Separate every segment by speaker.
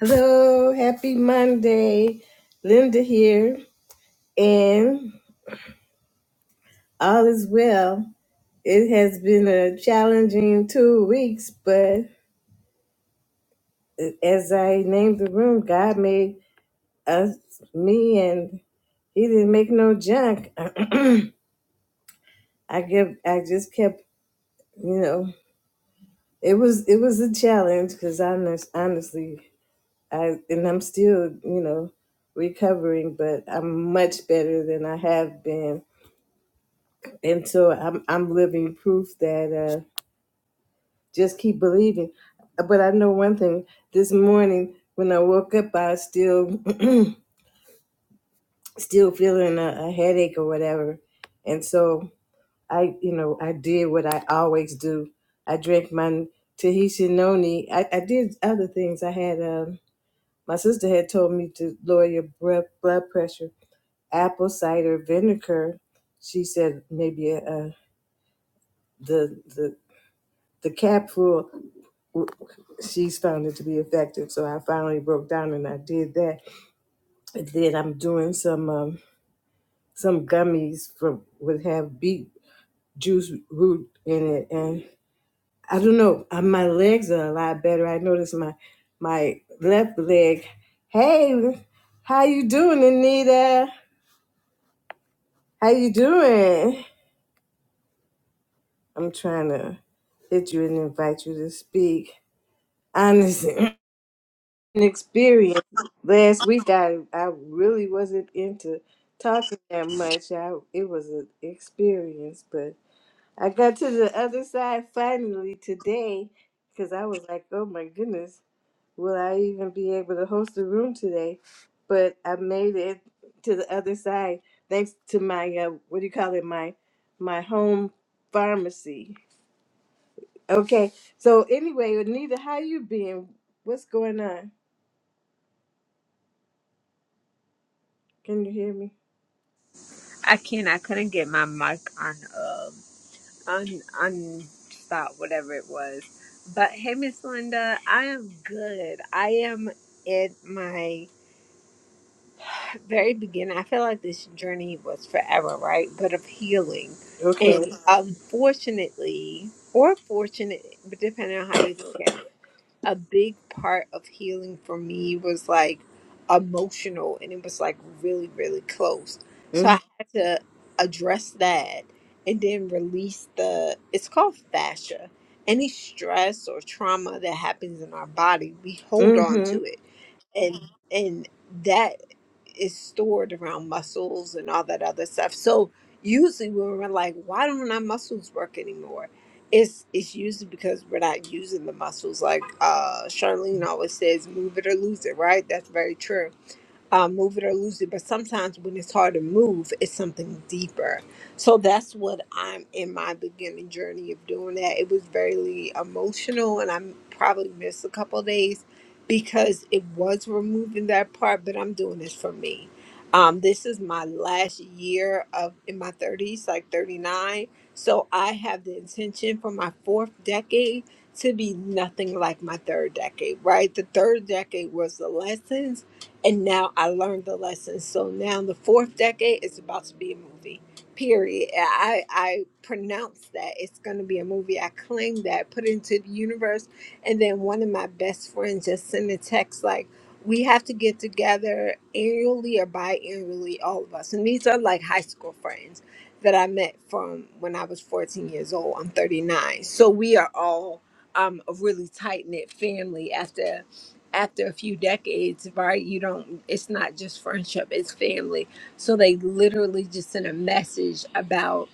Speaker 1: Hello, happy Monday. Linda here, and all is well. It has been a challenging two weeks, but as I named the room, God made us me, and He didn't make no junk. I kept, I just kept, you know, it was it was a challenge because honest, honestly, I and I'm still, you know, recovering, but I'm much better than I have been and so I'm I'm living proof that uh, just keep believing. But I know one thing: this morning when I woke up, I was still still feeling a, a headache or whatever, and so I you know I did what I always do. I drank my Tahitian noni. I, I did other things. I had um, my sister had told me to lower your breath, blood pressure. Apple cider vinegar. She said maybe uh, the the the cap full. she's found it to be effective. So I finally broke down and I did that. And then I'm doing some um, some gummies from would have beet juice root in it, and I don't know. uh, My legs are a lot better. I noticed my my left leg. Hey, how you doing, Anita? How you doing? I'm trying to hit you and invite you to speak. Honestly, an experience last week. I I really wasn't into talking that much. I it was an experience, but I got to the other side finally today because I was like, oh my goodness, will I even be able to host a room today? But I made it to the other side thanks to my uh, what do you call it my my home pharmacy. Okay, so anyway, Anita, how you been? What's going on? Can you hear me?
Speaker 2: I can't. I couldn't get my mic on. Um, on on stop whatever it was. But hey, Miss Linda, I am good. I am at my very beginning. I feel like this journey was forever, right? But of healing,
Speaker 1: Okay.
Speaker 2: and Mhm. unfortunately, or fortunate, but depending on how you look at it a big part of healing for me was like emotional and it was like really really close so i
Speaker 1: Mm-hmm.
Speaker 2: had to address that and then release the it's called fascia any stress or trauma that happens in our body we hold on
Speaker 1: Mm-hmm.
Speaker 2: to it and Mhm. and that is stored around muscles and all that other stuff. So usually when we're like, why don't our muscles work anymore? It's it's usually because we're not using the muscles. Like uh Charlene always says, move it or lose it, right? That's very true uh, move it or lose it. But sometimes when it's hard to move, it's something deeper. So that's what I'm in my beginning journey of doing that. It was very emotional, and I probably missed a couple of days because it was removing that part. But I'm doing this for me. Um, this is my last year of in my 30s, like 39. So I have the intention for my fourth decade to be nothing like my third decade, right? The third decade was the lessons and now I learned the lesson. So now the fourth decade is about to be a movie. Period. I I pronounce that it's going to be a movie. I claim that, put it into the universe, and then one of my best friends just sent a text like, "We have to get together annually or biannually, all of us." And these are like high school friends that I met from when I was 14 years old. I'm 39, so we are all um, a really tight knit family. After after a few decades, right? You don't, it's not just friendship, it's family. So they literally just sent a message about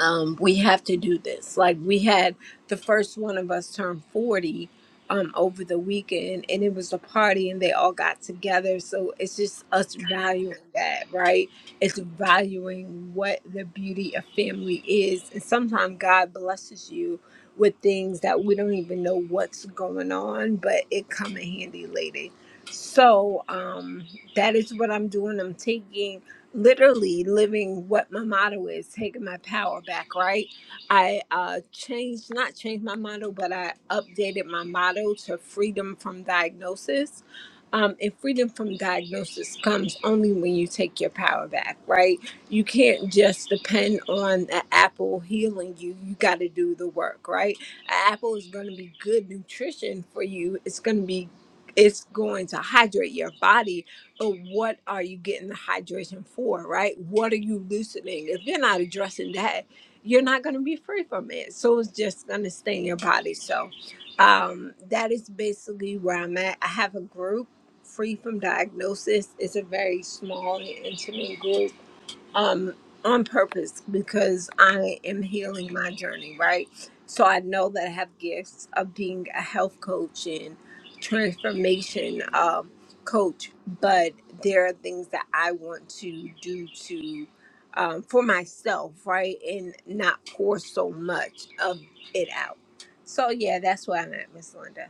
Speaker 2: um, we have to do this. Like we had the first one of us turn 40 um, over the weekend and it was a party and they all got together. So it's just us valuing that, right? It's valuing what the beauty of family is. And sometimes God blesses you with things that we don't even know what's going on, but it come in handy later. So um, that is what I'm doing. I'm taking literally living what my motto is taking my power back right i uh changed not changed my motto but i updated my motto to freedom from diagnosis um, and freedom from diagnosis comes only when you take your power back, right? You can't just depend on the apple healing you. You got to do the work, right? An apple is going to be good nutrition for you. It's going to be, it's going to hydrate your body but what are you getting the hydration for, right? What are you loosening? If you're not addressing that, you're not going to be free from it. So it's just going to stay in your body. So um, that is basically where I'm at. I have a group, Free from Diagnosis. It's a very small and intimate group um, on purpose because I am healing my journey, right? So I know that I have gifts of being a health coach and transformation um, coach, but there are things that I want to do to um, for myself, right, and not pour so much of it out. So yeah, that's where I'm at, Miss Linda.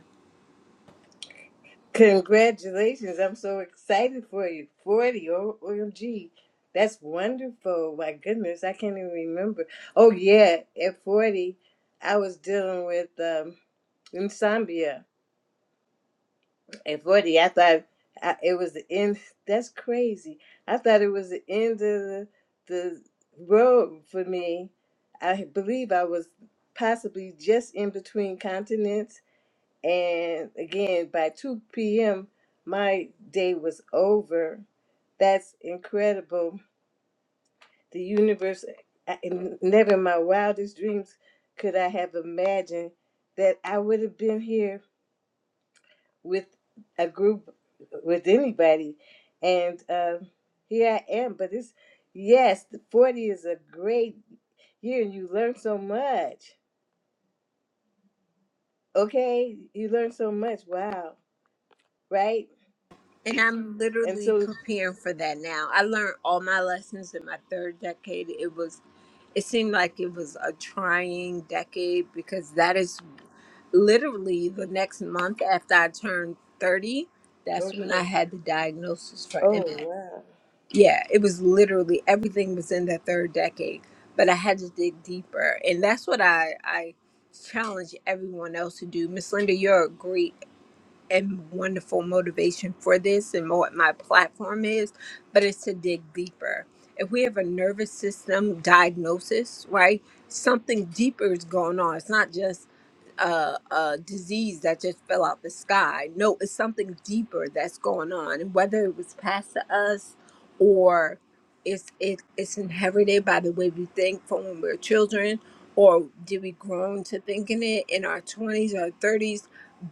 Speaker 1: Congratulations. I'm so excited for you. 40. O- OMG. That's wonderful. My goodness. I can't even remember. Oh, yeah. At 40, I was dealing with um, insomnia. At 40, I thought I, it was the end. That's crazy. I thought it was the end of the, the road for me. I believe I was possibly just in between continents And again, by 2 p.m., my day was over. That's incredible. The universe, I, and never in my wildest dreams could I have imagined that I would have been here with a group, with anybody. And um, here I am. But it's, yes, 40 is a great year and you learn so much. Okay? You learn so much. Wow. Right?
Speaker 2: And I'm
Speaker 1: And
Speaker 2: literally
Speaker 1: so,
Speaker 2: preparing for that now. I learned all my lessons in my third decade. It was, it seemed like it was a trying decade because that is literally the next month after I turned 30. That's when I had the diagnosis for
Speaker 1: Oh
Speaker 2: MS.
Speaker 1: wow.
Speaker 2: Yeah, it was literally everything was in the third decade, but I had to dig deeper. And that's what I, I challenge everyone else to do. Miss Linda, you're a great and wonderful motivation for this and what my platform is, but it's to dig deeper. If we have a nervous system diagnosis, right, something deeper is going on. It's not just a, a disease that just fell out the sky. No, it's something deeper that's going on. And whether it was passed to us or it's, it, it's inherited by the way we think from when we were children, or did we grown to thinking it in our 20s our 30s?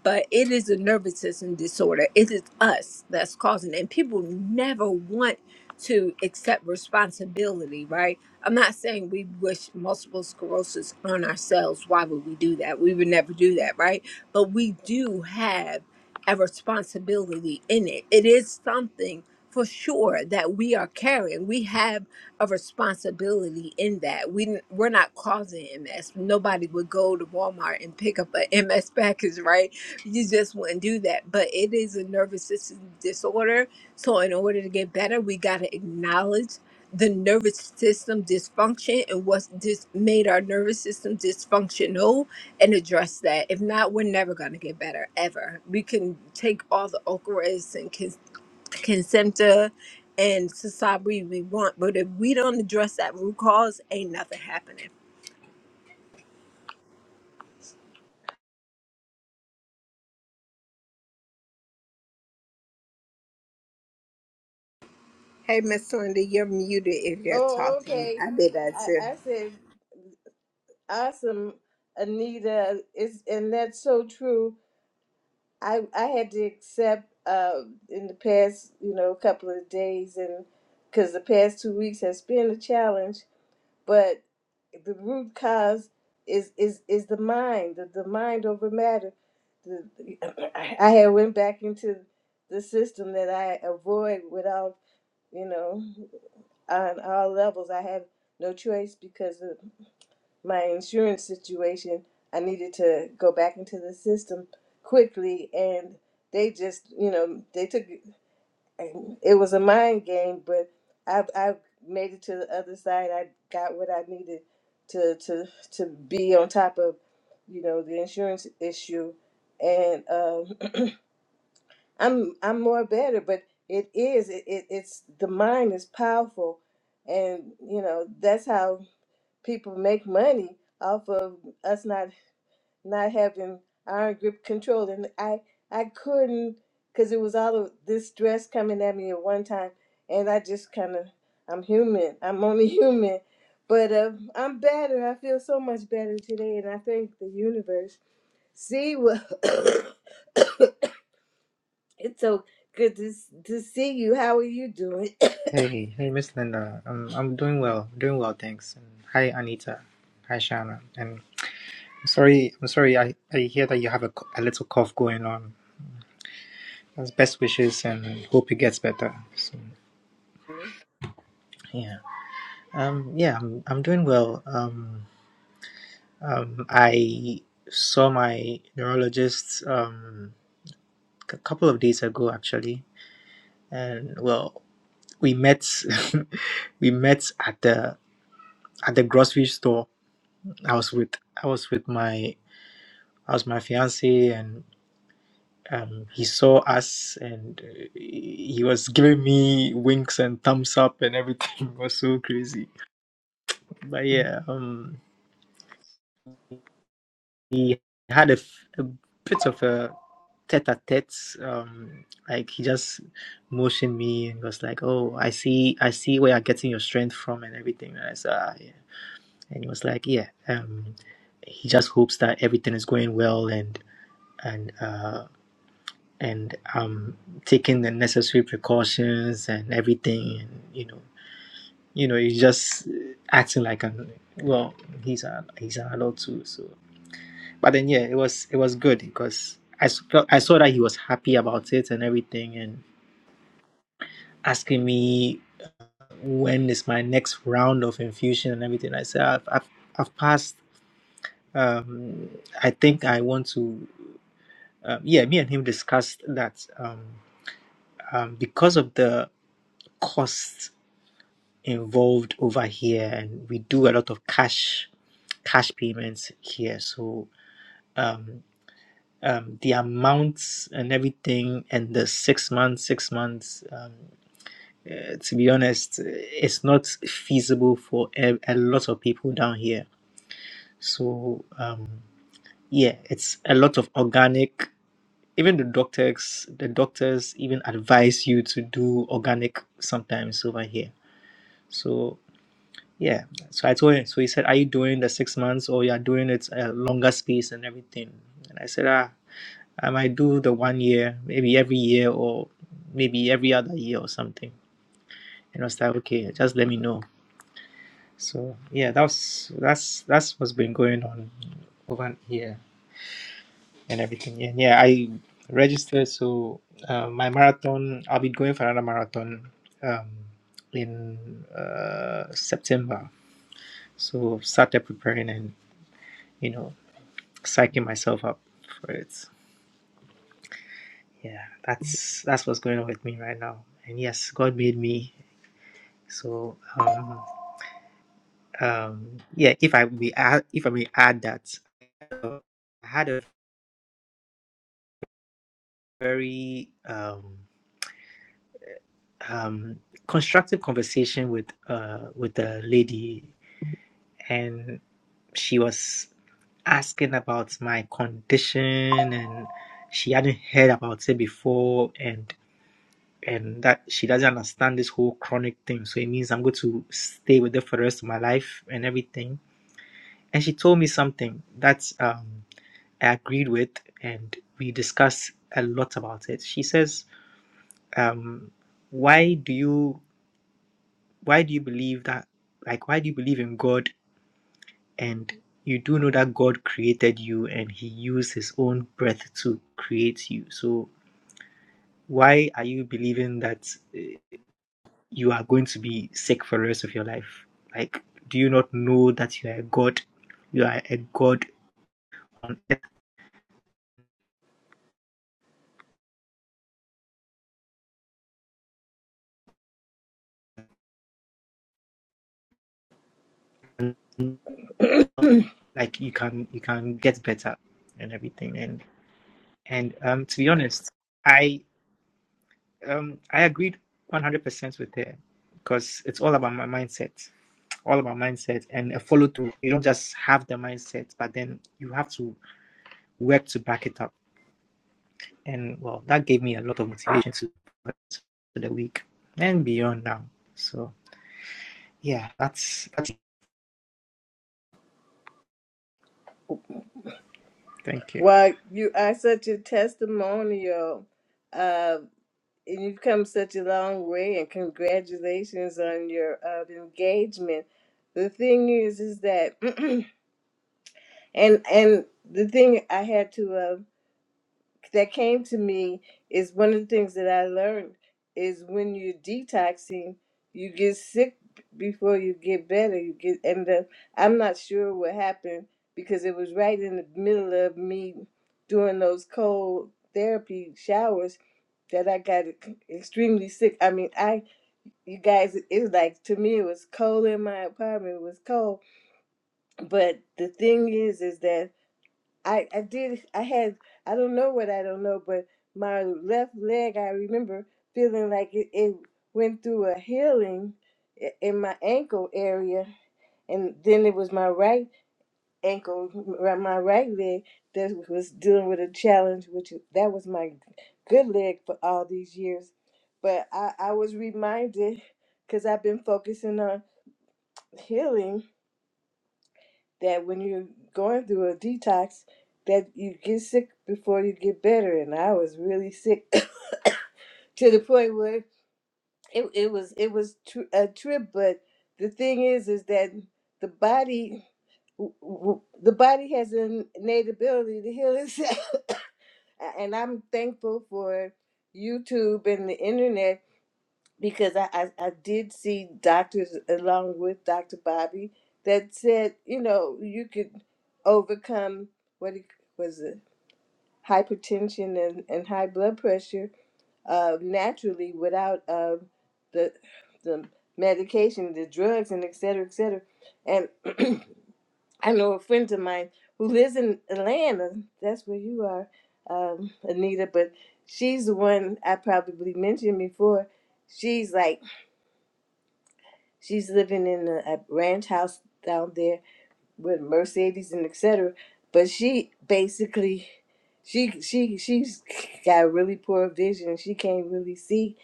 Speaker 2: but it is a nervous system disorder. It is us that's causing it. And people never want to accept responsibility, right? I'm not saying we wish multiple sclerosis on ourselves. Why would we do that? We would never do that, right? But we do have a responsibility in it. It is something for sure that we are carrying. We have a responsibility in that. We n- we're not causing MS. Nobody would go to Walmart and pick up a MS package, right? you just wouldn't do that. But it is a nervous system disorder. So, in order to get better, we got to acknowledge the nervous system dysfunction and what's dis- made our nervous system dysfunctional and address that. If not, we're never going to get better, ever. We can take all the Ochrys and Kis- Kesimpta and Sasabri we want, but if we don't address that root cause, ain't nothing happening. Hey, Miss Linda, you're muted if you're
Speaker 1: Oh
Speaker 2: talking.
Speaker 1: okay.
Speaker 2: I did that
Speaker 1: I,
Speaker 2: too.
Speaker 1: I said awesome, Anita. It's and that's so true. I I had to accept uh in the past you know couple of days and because the past two weeks has been a challenge, but the root cause is is is the mind, the, the mind over matter. The, the- I had went back into the system that I avoid without. you know, on all levels. I had no choice because of my insurance situation. I needed to go back into the system quickly, and they just, you know, they took it was a mind game, but I have I have made it to the other side. I got what I needed to to to be on top of, you know, the insurance issue, and um, I'm I'm more better, but it is it, it it's the mind is powerful, and you know that's how people make money off of us not not having iron grip control. And I I couldn't because it was all of this stress coming at me at one time, and I just kind of I'm human. I'm only human, but uh, I'm better. I feel so much better today, and I thank the universe. See what. It's so good to s- to see you. How are you doing?
Speaker 3: Hey, hey, Miss Linda. Um, I'm doing well, doing well, thanks. And hi, Anita. Hi, Shana. And I'm sorry, I'm sorry. I, I hear that you have a, co- a little cough going on. That's best wishes, and hope it gets better. So, yeah. Um, yeah, I'm, I'm doing well. Um, um, I saw my neurologist um a couple of days ago, actually, and well, we met, we met at the at the grocery store. I was with I was with my I Was my fiance and um, he saw us and uh, he was giving me winks and thumbs up and everything It was so crazy but yeah um we had a, f- a bit of a tete-a-tete um like he just motioned me and was like oh i see i see where you're getting your strength from and everything and i said ah, yeah and he was like yeah um he just hopes that everything is going well and and Uh, and um taking the necessary precautions and everything and you know you know he's just acting like an well he's a he's an adult too so but then yeah it was it was good because I s- felt I saw that he was happy about it and everything and asking me when is my next round of infusion and everything I said I've I've, I've passed um I think I want to um, yeah me and him discussed that um, um because of the costs involved over here and we do a lot of cash cash payments here so um, um, the amounts and everything and the six months six months um, uh, to be honest it's not feasible for a, a lot of people down here so um, yeah it's a lot of organic even the doctors the doctors even advise you to do organic sometimes over here so Yeah. So I told him. So he said, "Are you doing the six months or you are doing it a longer space and everything?" And I said, "Ah, I might do the one year, maybe every year or maybe every other year or something." And I was like, "Okay, just let me know." So yeah, that was that's that's what's been going on over here and everything. And yeah, I registered. So uh, my marathon, I'll be going for another marathon um, in uh, September. So started preparing and you know psyching myself up for it. Yeah, that's that's what's going on with me right now. And yes, God made me. So um, um, yeah, if I may add, if I may add that uh, I had a very um, um, constructive conversation with uh, with a lady, and she was asking about my condition and she hadn't heard about it before and and that she doesn't understand this whole chronic thing. So it means I'm going to stay with it for the rest of my life and everything. And she told me something that um, I agreed with, and we discussed a lot about it. She says, um, "Why do you why do you believe that? Like, why do you believe in God and?" You do know that God created you and He used His own breath to create you. So, why are you believing that you are going to be sick for the rest of your life. Like, do you not know that you are a god? You are a god on earth. And, like, you can you can get better and everything. And and um, to be honest, I um I agreed 100% with her because it's all about my mindset, all about mindset and a follow through. You don't just have the mindset, but then you have to work to back it up. And well, that gave me a lot of motivation to to the week and beyond now. So yeah, that's that's Thank you.
Speaker 1: Why you are such a testimonial. Uh, You've come such a long way, and congratulations on your uh, engagement. The thing is, is that, and and the thing I had to um, that came to me is one of the things that I learned is when you're detoxing, you get sick before you get better. You get and the, I'm not sure what happened because it was right in the middle of me doing those cold therapy showers that I got extremely sick. I mean, I you guys, it was like to me it was cold in my apartment. It was cold, but the thing is, is that I, I did I had I don't know what I don't know, but my left leg I remember feeling like it, it went through a healing i- in my ankle area, and then it was my right ankle, r- my right leg that was dealing with a challenge, which is- that was my good leg for all these years. But I, I was reminded because I've been focusing on healing that when you're going through a detox, that you get sick before you get better. And I was really sick to the point where it, it was it was tr- a trip. But the thing is, is that the body w- w- the body has an innate ability to heal itself. and I'm thankful for YouTube and the internet because I, I, I did see doctors along with Dr. Bobby that said, you know, you could overcome what it was it, hypertension and, and high blood pressure uh, naturally without uh, the the medication, the drugs, and et cetera, et cetera. And I know a friend of mine who lives in Atlanta. That's where you are, um, Anita. But she's the one I probably mentioned before she's like She's living in a, a ranch house down there with Mercedes and etc. But she basically, she she she's got really poor vision. She can't really see,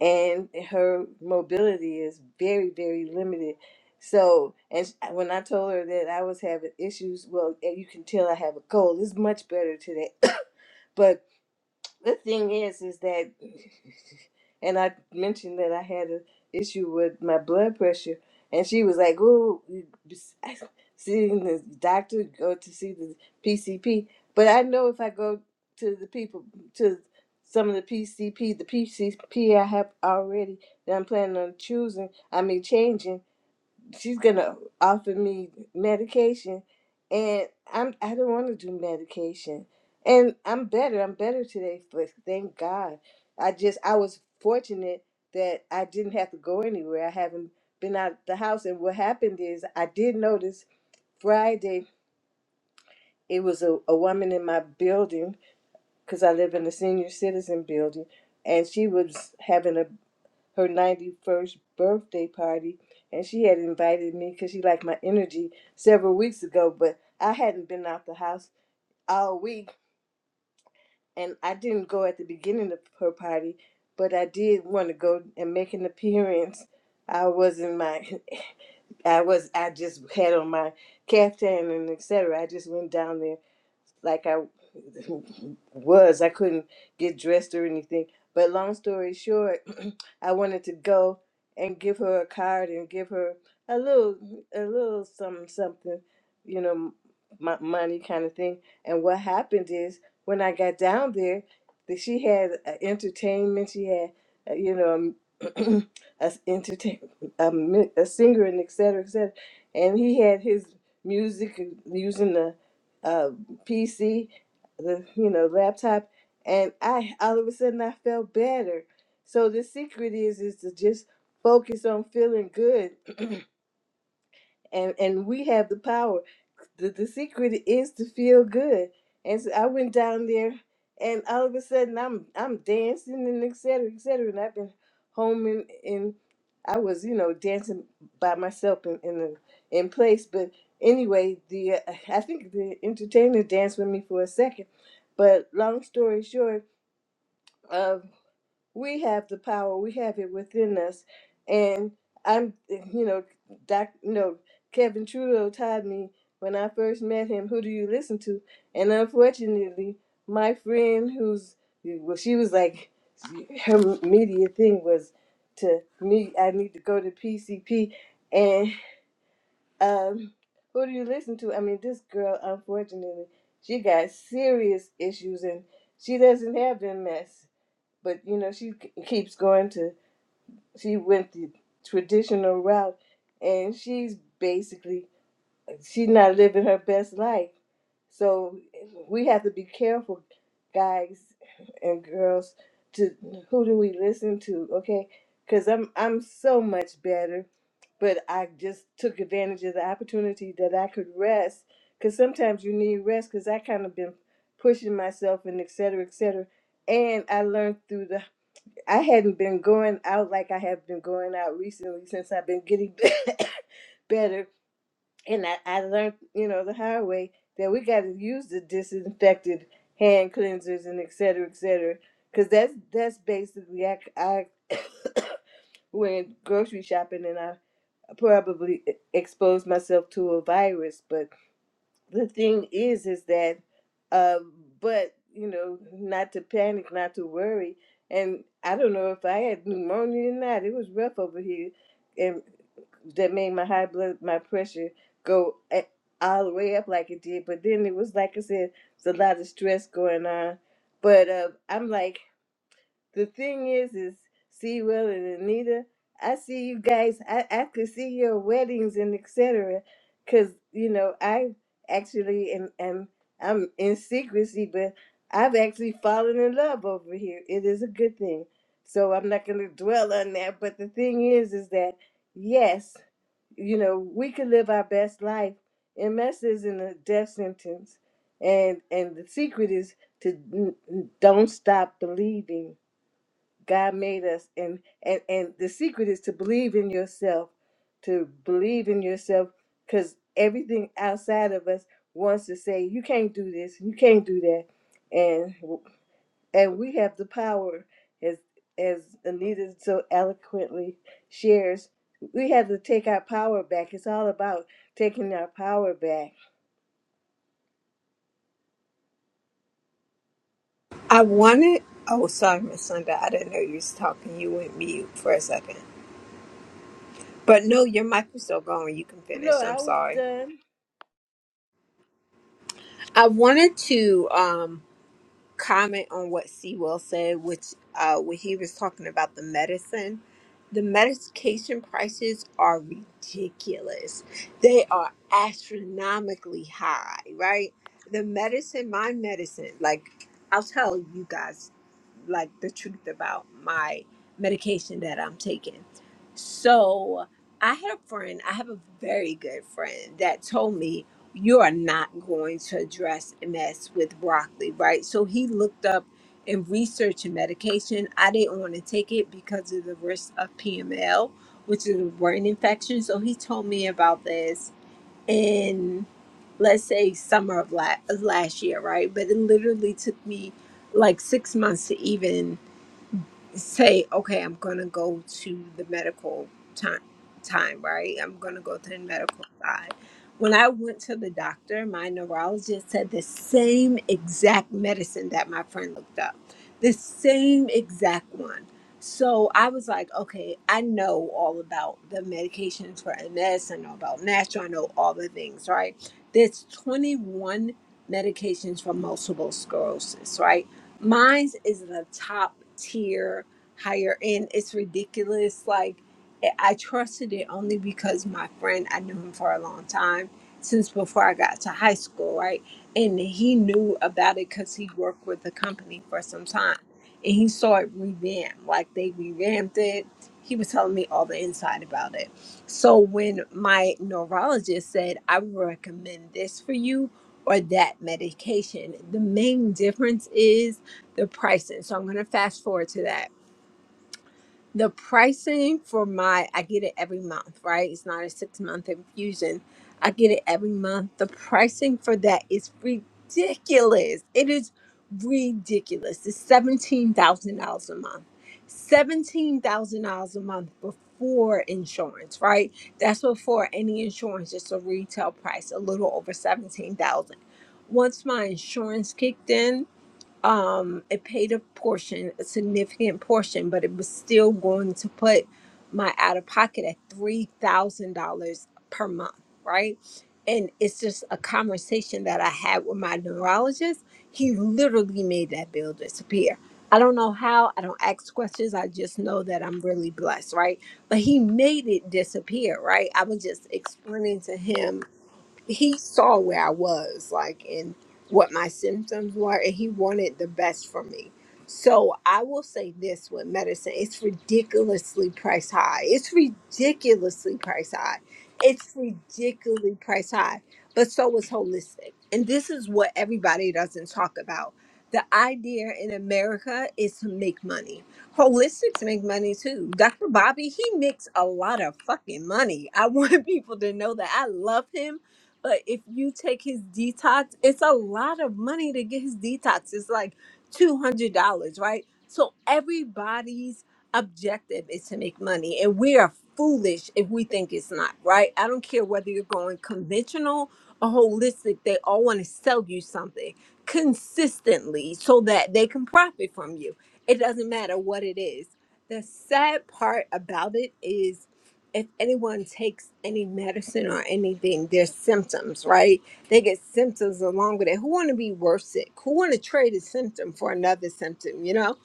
Speaker 1: and her mobility is very very limited. So, and when I told her that I was having issues, well, and you can tell I have a cold. It's much better today. but the thing is, is that, and I mentioned that I had an issue with my blood pressure, and she was like, "Oh, you s- seeing the doctor, go to see the PCP." But I know if I go to the people, to some of the PCP, the PCP I have already that I'm planning on choosing, I mean changing she's gonna offer me medication and I'm I don't wanna do medication. And I'm better, I'm better today, but thank God. I just I was fortunate that I didn't have to go anywhere. I haven't been out the house and what happened is I did notice Friday it was a, a woman in my building because I live in a senior citizen building and she was having a her 91st birthday party and she had invited me because she liked my energy several weeks ago but i hadn't been out the house all week and i didn't go at the beginning of her party but i did want to go and make an appearance i was in my i was i just had on my caftan and etc i just went down there like I was. I couldn't get dressed or anything. But long story short, I wanted to go and give her a card and give her a little, a little something, something, you know, m- money kind of thing. And what happened is when I got down there, that she had a entertainment. She had, uh, you know, um, a s- entertain, a, mi- a singer and et cetera, et cetera. And he had his music uh, using the uh, PC, the you know laptop, and I all of a sudden I felt better. So the secret is is to just focus on feeling good, and and we have the power the, the secret is to feel good. And so I went down there, and all of a sudden I'm I'm dancing and et cetera, et cetera. And I've been home and, and I was you know dancing by myself in in, the, in place. But anyway, the uh, I think the entertainer danced with me for a second. But long story short, um, we have the power we have it within us and i'm you know doc you know kevin trudeau taught me when i first met him who do you listen to and unfortunately my friend who's well she was like her media thing was to me i need to go to pcp and um who do you listen to i mean this girl unfortunately she got serious issues and she doesn't have them mess but you know she k- keeps going to she went the traditional route and she's basically she's not living her best life so we have to be careful guys and girls to who do we listen to okay because i'm i'm so much better but i just took advantage of the opportunity that i could rest because sometimes you need rest because i kind of been pushing myself and et cetera et cetera and i learned through the I hadn't been going out like I have been going out recently since I've been getting better. And I, I learned, you know, the hard way that we got to use the disinfected hand cleansers and et cetera, et cetera. Because that's, that's basically, I, I went grocery shopping and I probably e-, exposed myself to a virus. But the thing is is that um but you know not to panic not to worry and i don't know if i had pneumonia or not it was rough over here and that made my high blood my pressure go a- all the way up like it did but then it was like i said it's a lot of stress going on but uh, i'm like the thing is, is see Will and Anita. I see you guys. I I could see your weddings and etc. Cause you know I actually am am I'm in secrecy, but I've actually fallen in love over here. It is a good thing. So I'm not gonna dwell on that. But the thing is, is that yes, you know we could live our best life. MS isn't a death sentence, and and the secret is to n- n- don't stop believing God made us and and and the secret is to believe in yourself to believe in yourself cuz everything outside of us wants to say you can't do this you can't do that and and we have the power as as Anita so eloquently shares we have to take our power back it's all about taking our power back
Speaker 2: I wanted. Oh, sorry, Miss Linda. I didn't know you was talking. You went mute for a second. But no, your mic was still going. You can
Speaker 1: No,
Speaker 2: finish. I'm
Speaker 1: I was
Speaker 2: sorry.
Speaker 1: done
Speaker 2: I wanted to. um comment on what Sewell said, which uh, when he was talking about the medicine, the medication prices are ridiculous. They are astronomically high, right? The medicine, my medicine, like I'll tell you guys, like the truth about my medication that I'm taking. So I had a friend, I have a very good friend that told me you are not going to address MS with broccoli, right? So he looked up and researched a medication. I didn't want to take it because of the risk of PML, which is a brain infection. So he told me about this in, let's say, summer of la- of last year, right? But it literally took me like six months to even say, okay, I'm going to go to the medical time, time, right? I'm going to go to the medical side. When I went to the doctor, my neurologist said the same exact medicine that my friend looked up, the same exact one. So I was like, okay, I know all about the medications for MS. I know about natural. I know all the things, right? There's 21 medications for multiple sclerosis, right? Mine is the top tier higher end. It's ridiculous. Like I I trusted it only because my friend, I knew him for a long time since before I got to high school, right? And he knew about it because he worked with the company for some time, and he saw it revamped. Like they revamped it. He was telling me all the inside about it. So when my neurologist said, "I would recommend this for you." Or that medication. The main difference is the pricing. So I'm going to fast forward to that the pricing for my, I get it every month, right? It's not a six month infusion. I get it every month. The pricing for that is ridiculous. It is ridiculous. It's $17,000 a month. $17,000 a month before insurance, right? That's before any insurance, It's a retail price, a little over 17000 Once my insurance kicked in, um it paid a portion a significant portion but it was still going to put my out of pocket at three thousand dollars per month right and it's just a conversation that i had with my neurologist he literally made that bill disappear i don't know how i don't ask questions i just know that i'm really blessed right but he made it disappear right i was just explaining to him he saw where I was, like, and what my symptoms were, and he wanted the best for me. So I will say this with medicine, it's ridiculously priced high. It's ridiculously priced high. It's ridiculously priced high. But so is holistic. And this is what everybody doesn't talk about. The idea in America is to make money. Holistics make money too. Dr. Bobby, he makes a lot of fucking money. I want people to know that I love him but if you take his detox, it's a lot of money to get his detox. It's like $200, right? So everybody's objective is to make money. And we are foolish if we think it's not, right? I don't care whether you're going conventional or holistic, they all want to sell you something consistently so that they can profit from you. It doesn't matter what it is. The sad part about it is if anyone takes any medicine or anything, there's symptoms, right? They get symptoms along with it. Who want to be worse sick? Who want to trade a symptom for another symptom, you know?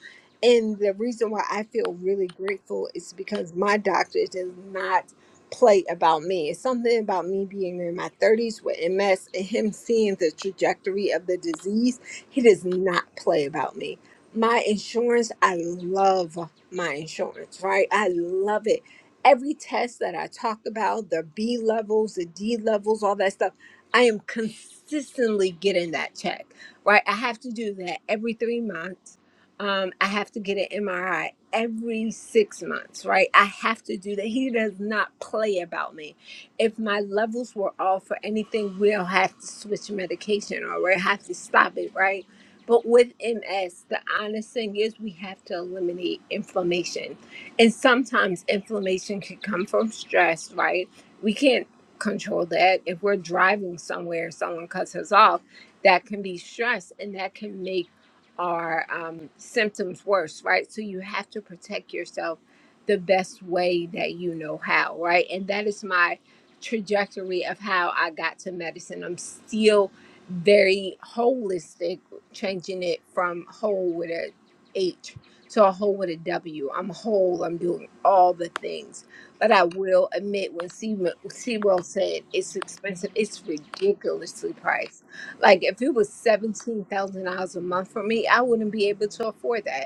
Speaker 2: And the reason why I feel really grateful is because my doctor does not play about me. It's something about me being in my 30s with MS and him seeing the trajectory of the disease. He does not play about me. My insurance, I love my insurance, right? I love it every test that I talked about, the B levels, the D levels, all that stuff, I am consistently getting that check, right? I have to do that every three months. Um, I have to get an MRI every six months, right? I have to do that. He does not play about me. If my levels were off or anything, we'll have to switch medication or we'll have to stop it, right? But with MS, the honest thing is we have to eliminate inflammation and sometimes inflammation can come from stress, right? We can't control that. If we're driving somewhere, someone cuts us off, that can be stress and that can make our um, symptoms worse, right? So you have to protect yourself the best way that you know how, right? And that is my trajectory of how I got to medicine. I'm still very holistic, changing it from whole with a H so a whole with a W. I'm whole. I'm doing all the things. But I will admit, when Seaw- Sewell said it's expensive, it's ridiculously priced. Like if it was seventeen thousand dollars a month for me, I wouldn't be able to afford that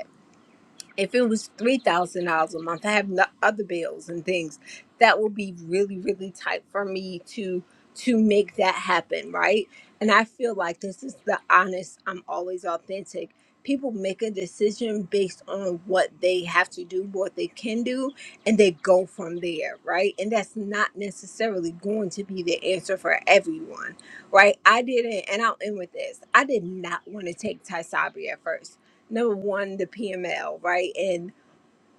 Speaker 2: if it was three thousand dollars a month, I have no other bills and things. That would be really, really tight for me to to make that happen, right? And I feel like this is the honest. I'm always authentic. People make a decision based on what they have to do, what they can do, and they go from there, right? And that's not necessarily going to be the answer for everyone, right? I didn't, and I'll end with this. I did not want to take Ty Sabri at first number one, the PML, right? And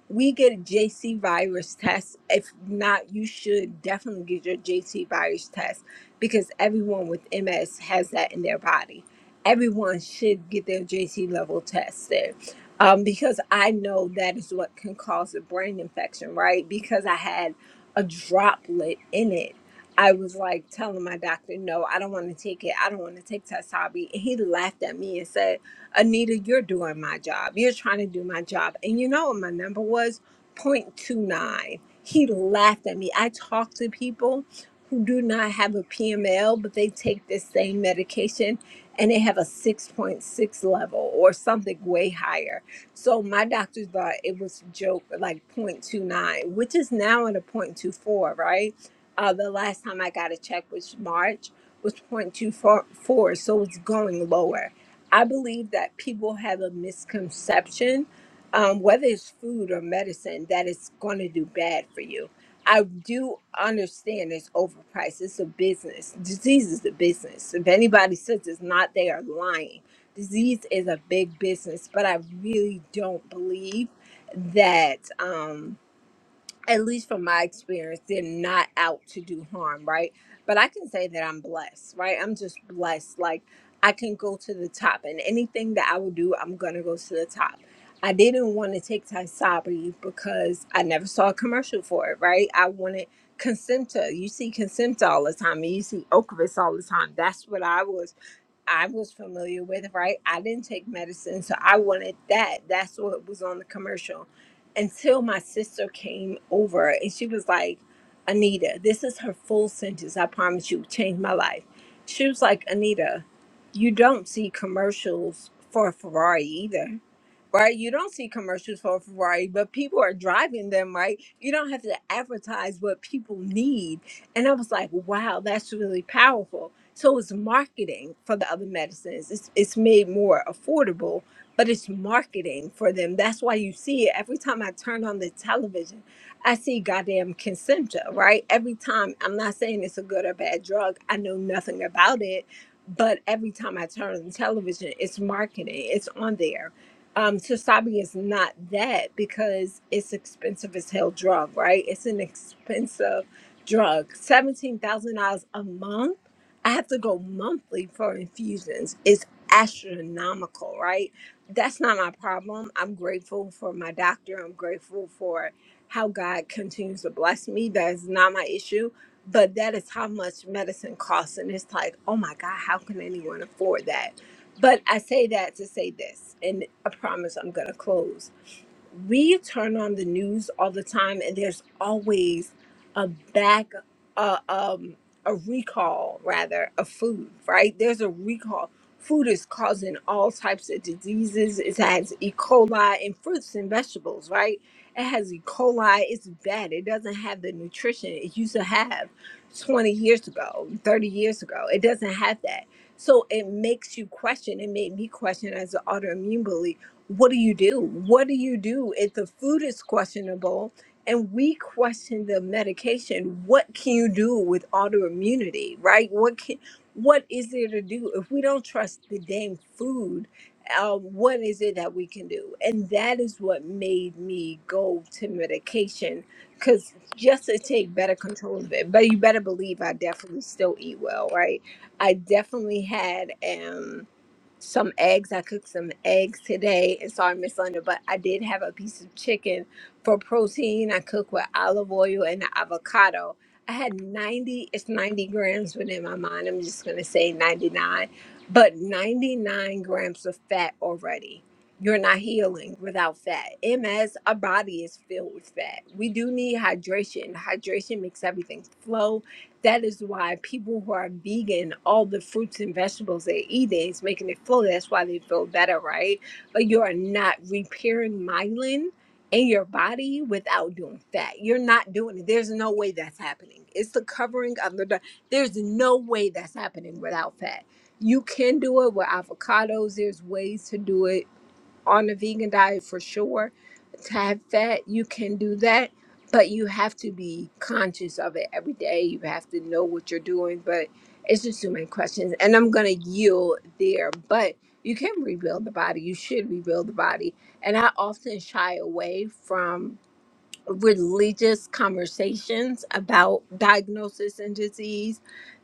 Speaker 2: we get a JC virus test. If not, you should definitely get your JC virus test because everyone with MS has that in their body. Everyone should get their JC level tested um, because I know that is what can cause a brain infection, right? Because I had a droplet in it. I was like telling my doctor, no, I don't want to take it. I don't want to take Tesabi. And he laughed at me and said, Anita, you're doing my job. You're trying to do my job. And you know what my number was? 0.29. He laughed at me. I talk to people who do not have a PML, but they take this same medication and they have a 6.6 level or something way higher. So my doctor thought it was a joke, like 0.29, which is now at a 0.24, right? Uh, the last time I got a check was March, was 0.24, so it's going lower I believe that people have a misconception, um, whether it's food or medicine, that it's going to do bad for you. I do understand it's overpriced. It's a business. Disease is a business. If anybody says it's not, they are lying. Disease is a big business, but I really don't believe that. Um, at least from my experience, they're not out to do harm, right? But I can say that I'm blessed, right? I'm just blessed. Like I can go to the top, and anything that I will do, I'm gonna go to the top. I didn't want to take Tysabri because I never saw a commercial for it, right? I wanted Consimta. You see Consimta all the time, and you see Ocrevus all the time. That's what I was I was familiar with, right? I didn't take medicine, so I wanted that. That's what was on the commercial. Until my sister came over and she was like, Anita, this is her full sentence. I promise you, changed my life. She was like, Anita, you don't see commercials for Ferrari either right? You don't see commercials for a Ferrari, but people are driving them, right? You don't have to advertise what people need. And I was like, wow, that's really powerful. So it's marketing for the other medicines. It's it's made more affordable, but it's marketing for them. That's why you see it every time I turn on the television. I see goddamn Concentra, right? Every time. I'm not saying it's a good or bad drug. I know nothing about it, but every time I turn on the television, it's marketing. It's on there um Tosabi is not that because it's expensive as hell drug, right? It's an expensive drug. Seventeen thousand dollars a month. I have to go monthly for infusions. It's astronomical, right? That's not my problem. I'm grateful for my doctor. I'm grateful for how God continues to bless me. That is not my issue. But that is how much medicine costs. And it's like, oh my God, how can anyone afford that? But I say that to say this, and I promise I'm going to close we turn on the news all the time and there's always a back uh, um a recall rather of food right there's a recall food is causing all types of diseases it has e coli in fruits and vegetables right it has e coli it's bad it doesn't have the nutrition it used to have 20 years ago 30 years ago it doesn't have that so it makes you question it made me question as an autoimmune belief what do you do? What do you do if the food is questionable and we question the medication? What can you do with autoimmunity, right? What can what is there to do if we don't trust the damn food? Uh, what is it that we can do? And that is what made me go to medication because just to take better control of it. But you better believe I definitely still eat well, right? I definitely had. um, some eggs. I cooked some eggs today, and sorry, Miss Linda, but I did have a piece of chicken for protein. I cooked with olive oil and avocado. I had 90, it's 90 grams within my mind. I'm just going to say 99, but 99 grams of fat already. You're not healing without fat. MS, our body is filled with fat. We do need hydration. Hydration makes everything flow that is why people who are vegan, all the fruits and vegetables they're eating is making it flow. That's why they feel better, right? But you are not repairing myelin in your body without doing that. You're not doing it. There's no way that's happening. It's the covering of the. dark. There's no way that's happening without fat. You can do it with avocados. There's ways to do it on a vegan diet for sure to have fat you can do that but you have to be conscious of it every day you have to know what you're doing but it's just too many questions and i'm gonna yield there but you can rebuild the body you should rebuild the body and i often shy away from religious conversations about diagnosis and disease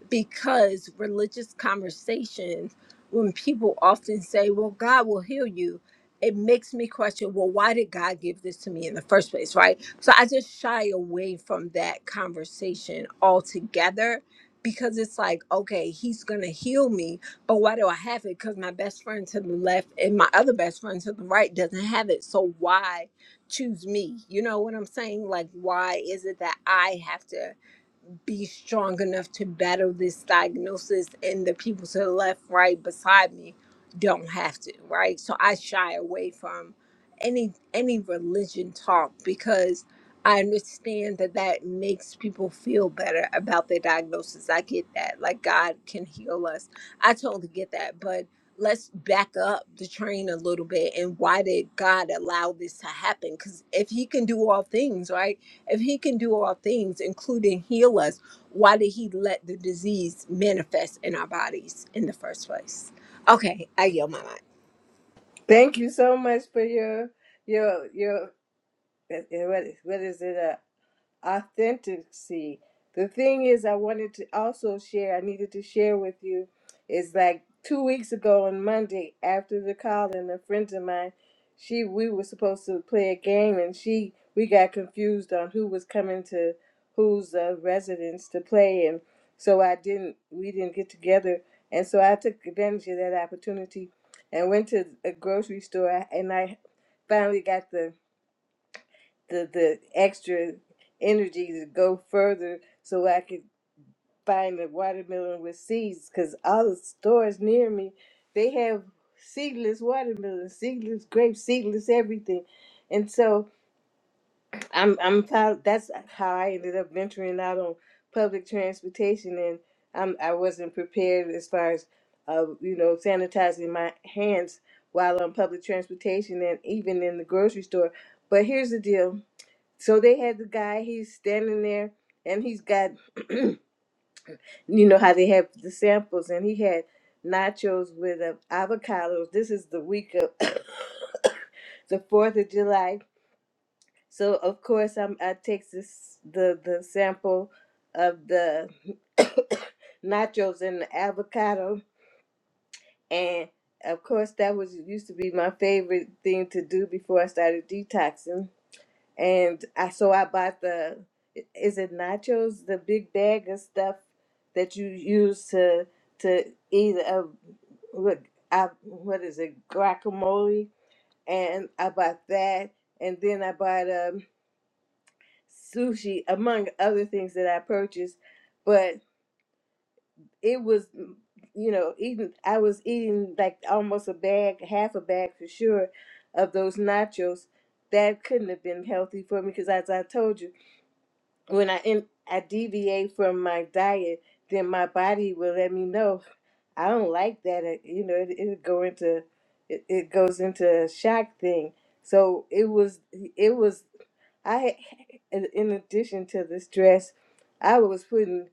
Speaker 2: because religious conversations, when people often say, Well, God will heal you, it makes me question, Well, why did God give this to me in the first place? Right. So I just shy away from that conversation altogether because it's like, okay, he's going to heal me, but why do I have it? Because my best friend to the left and my other best friend to the right doesn't have it. So why? choose me. You know what I'm saying? Like, why is it that I have to be strong enough to battle this diagnosis and the people to the left, right beside me don't have to, right? So I shy away from any any religion talk because I understand that that makes people feel better about their diagnosis. I get that. Like God can heal us. I totally get that. But let's back up the train a little bit and why did God allow this to happen? Because if He can do all things, right? If He can do all things, including heal us, why did He let the disease manifest in our bodies in the first place? Okay, I yield my mind.
Speaker 1: thank you so much for your your your uh, uh, what is, what is it uh, authenticity. The thing is, I wanted to also share, I needed to share with you, is like two weeks ago on Monday after the call, and a friend of mine, she we were supposed to play a game, and she we got confused on who was coming to whose uh, residence to play, and so I didn't we didn't get together, and so I took advantage of that opportunity and went to a grocery store, and I finally got the the the extra energy to go further so I could find a watermelon with seeds because all the stores near me they have seedless watermelon, seedless grapes, seedless everything. And so I'm I'm proud that's how I ended up venturing out on public transportation and I'm I wasn't prepared as far as uh, you know, sanitizing my hands while on public transportation and even in the grocery store. But here's the deal. So they had the guy, he's standing there and he's got, you know, how they have the samples, and he had nachos with uh, avocados. This is the week of the 4th of July. So, of course, I'm, I take this, the, the sample of the nachos and the avocado. And of course, that was used to be my favorite thing to do before I started detoxing and I so I bought the is it nachos the big bag of stuff that you use to to eat a what I what is it guacamole and I bought that and then I bought um sushi among other things that I purchased but it was you know eating I was eating like almost a bag half a bag for sure of those nachos that couldn't have been healthy for me because as I told you when I in, I deviate from my diet, then my body will let me know I don't like that. It, you know, it it go into it, it goes into a shock thing. So it was it was I in in addition to the stress, I was putting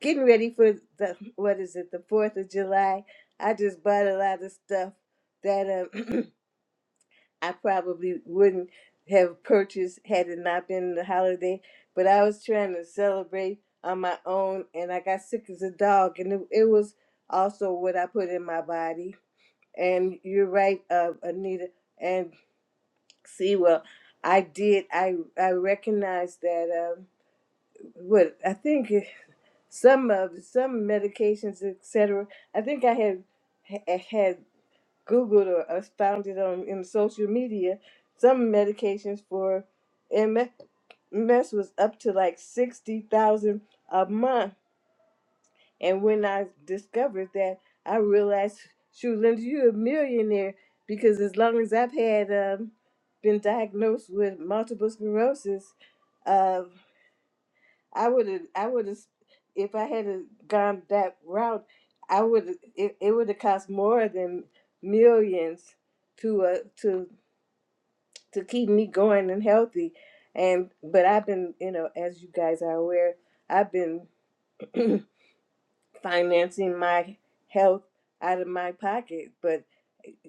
Speaker 1: getting ready for the what is it the Fourth of July. I just bought a lot of stuff that um I probably wouldn't have purchased had it not been the holiday. But I was trying to celebrate on my own, and I got sick as a dog, and it, it was also what I put in my body. And you're right, uh, Anita and see, well, I did. I I recognized that. Um, what I think it- some of some medications, etc. I think I had ha- had Googled or, or found it on in social media. Some medications for MS was up to like sixty thousand a month. And when I discovered that, I realized, shoot, Linda, you're a millionaire because as long as I've had um, been diagnosed with multiple sclerosis, um, I would have, I would have, if I had a gone that route, I would, it, it would have cost more than millions to, uh, to, to keep me going and healthy. And, but I've been, you know, as you guys are aware, I've been financing my health out of my pocket. But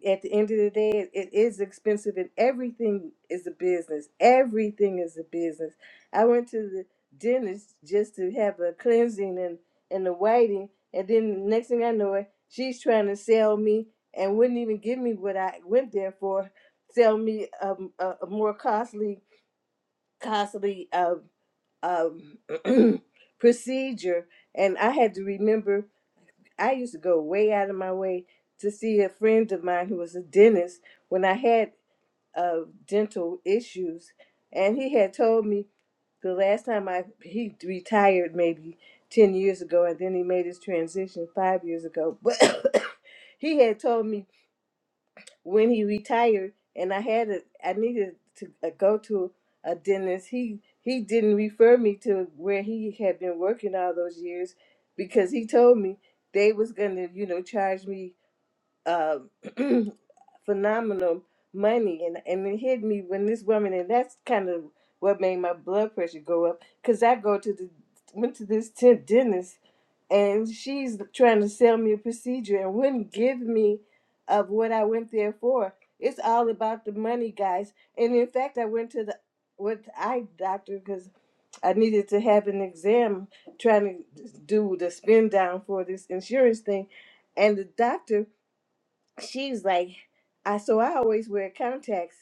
Speaker 1: at the end of the day, it is expensive, and everything is a business. Everything is a business. I went to the dentist just to have a cleansing and and the whiting, and then the next thing I know, it she's trying to sell me and wouldn't even give me what I went there for. Sell me um, a, a more costly, costly um, um, procedure, and I had to remember I used to go way out of my way to see a friend of mine who was a dentist when I had uh, dental issues, and he had told me the last time I he retired maybe ten years ago, and then he made his transition five years ago. But he had told me when he retired and I had a, I needed to uh, go to a dentist. He he didn't refer me to where he had been working all those years because he told me they was gonna you know charge me uh, phenomenal money and and it hit me when this woman and that's kind of what made my blood pressure go up because i go to the went to this tent dentist and she's trying to sell me a procedure and wouldn't give me of what i went there for it's all about the money guys and in fact i went to the with eye doctor because i needed to have an exam trying to do the spin down for this insurance thing and the doctor she's like, I so I always wear contacts,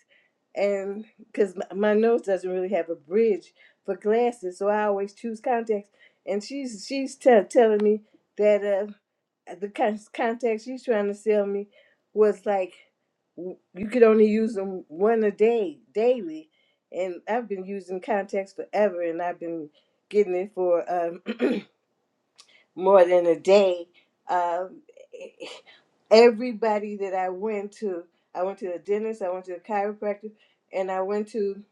Speaker 1: and because my, my nose doesn't really have a bridge for glasses, so I always choose contacts. And she's she's tell telling me that uh the con- contacts she's trying to sell me was like w- you could only use them one a day daily, and I've been using contacts forever, and I've been getting it for um. more than a day. Um, everybody that I went to, I went to a dentist, I went to a chiropractor, and I went to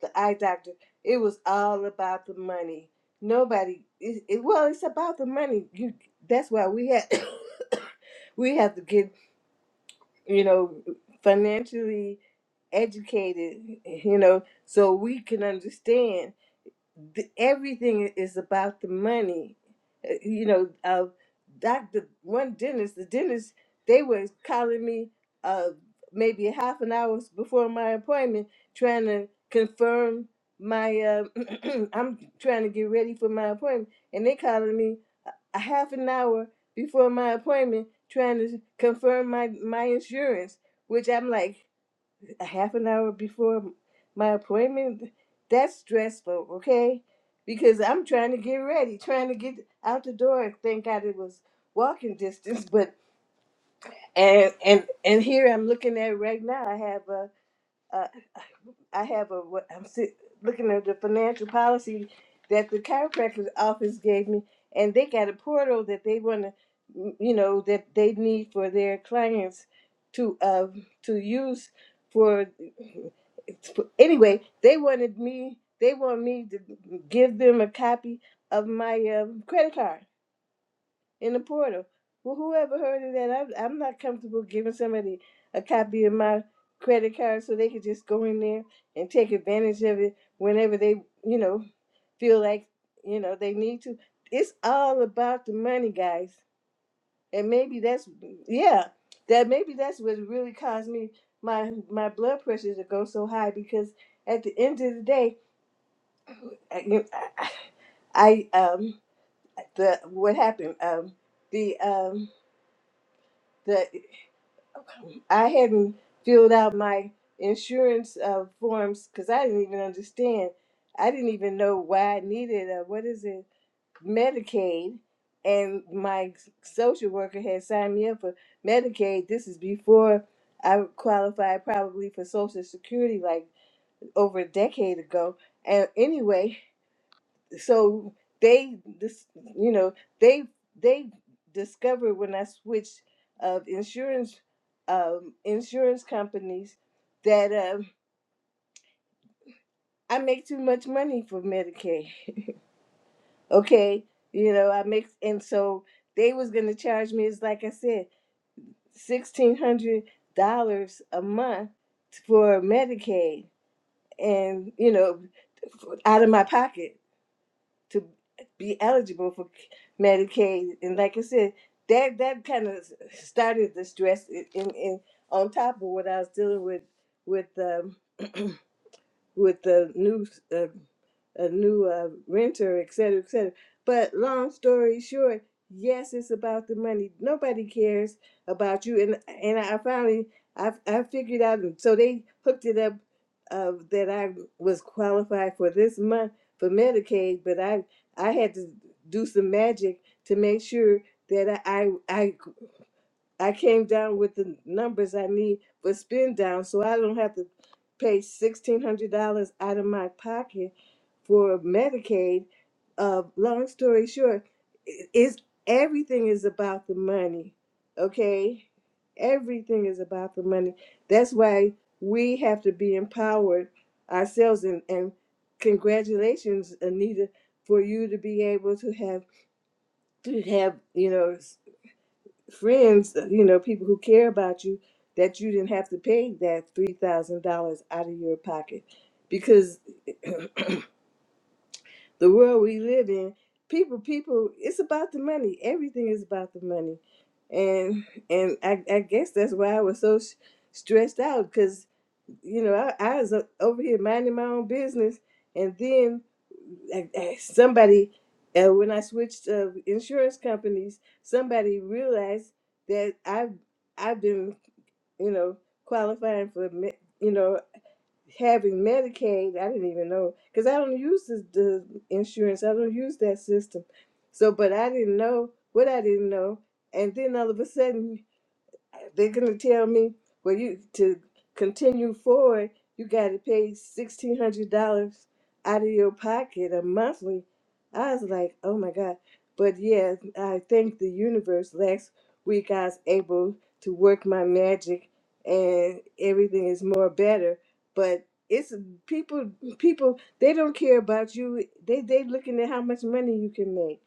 Speaker 1: the eye doctor. It was all about the money. Nobody, it, it, well, it's about the money. You, that's why we have, we have to get, you know, financially educated, you know, so we can understand the, everything is about the money. Uh, You know, uh, doctor, one dentist, the dentist, they were calling me uh, maybe half an hour before my appointment, trying to confirm my. Uh, I'm trying to get ready for my appointment, and they calling me a half an hour before my appointment, trying to confirm my my insurance. Which I'm like, a half an hour before my appointment, that's stressful, okay? Because I'm trying to get ready, trying to get out the door. Thank God it was walking distance, but and and and here I'm looking at right now. I have a, a I have a what I'm sit, looking at the financial policy that the chiropractor's office gave me, and they got a portal that they want to, you know, that they need for their clients to uh to use for anyway. They wanted me. They want me to give them a copy of my um credit card in the portal. Well, whoever heard of that, I'm, I'm not comfortable giving somebody a copy of my credit card so they could just go in there and take advantage of it whenever they, you know, feel like, you know, they need to. It's all about the money, guys. And maybe that's, yeah, that maybe that's what really caused me my my blood pressure to go so high because at the end of the day, I, you- I I, um the what happened um the um the I hadn't filled out my insurance uh, forms because I didn't even understand. I didn't even know why I needed a what is it Medicaid, and my social worker had signed me up for Medicaid. This is before I qualified probably for Social Security, like over a decade ago. And anyway, so they this you know they they discovered when I switched of insurance um, insurance companies that um, I make too much money for Medicaid. Okay, you know I make and so they was gonna charge me it's like I said sixteen hundred dollars a month for Medicaid and you know out of my pocket to be eligible for Medicaid. And like I said, that that kind of started the stress in, in on top of what I was dealing with with um, with the new uh, a new uh, renter, et cetera, et cetera. But long story short, yes, it's about the money. Nobody cares about you. And and I finally I I figured out. So they hooked it up uh, that I was qualified for this month for Medicaid, but I I had to do some magic to make sure that I I, I I came down with the numbers I need for spin down so I don't have to pay $1,600 out of my pocket for Medicaid. Uh, long story short, i- is everything is about the money, okay? Everything is about the money. That's why we have to be empowered ourselves. And, and congratulations, Anita, for you to be able to have to have you know friends, uh, you know, people who care about you, that you didn't have to pay that three thousand dollars out of your pocket, because the world we live in, people, people, it's about the money. Everything is about the money, and and I, I guess that's why I was so s- stressed out you know, I, I was o- over here minding my own business, and then like, eh, somebody, uh, when I switched uh, insurance companies, somebody realized that I've I've been, you know, qualifying for, me- you know, having Medicaid. I didn't even know because I don't use the, the insurance. I don't use that system. So, but I didn't know what I didn't know, and then all of a sudden they're gonna tell me, well, you to continue forward, you got to pay sixteen hundred dollars out of your pocket a monthly. I was like, oh my god! But yeah, I thank the universe. Last week I was able to work my magic, and everything is more better. But it's people, people they don't care about you. They they looking at how much money you can make,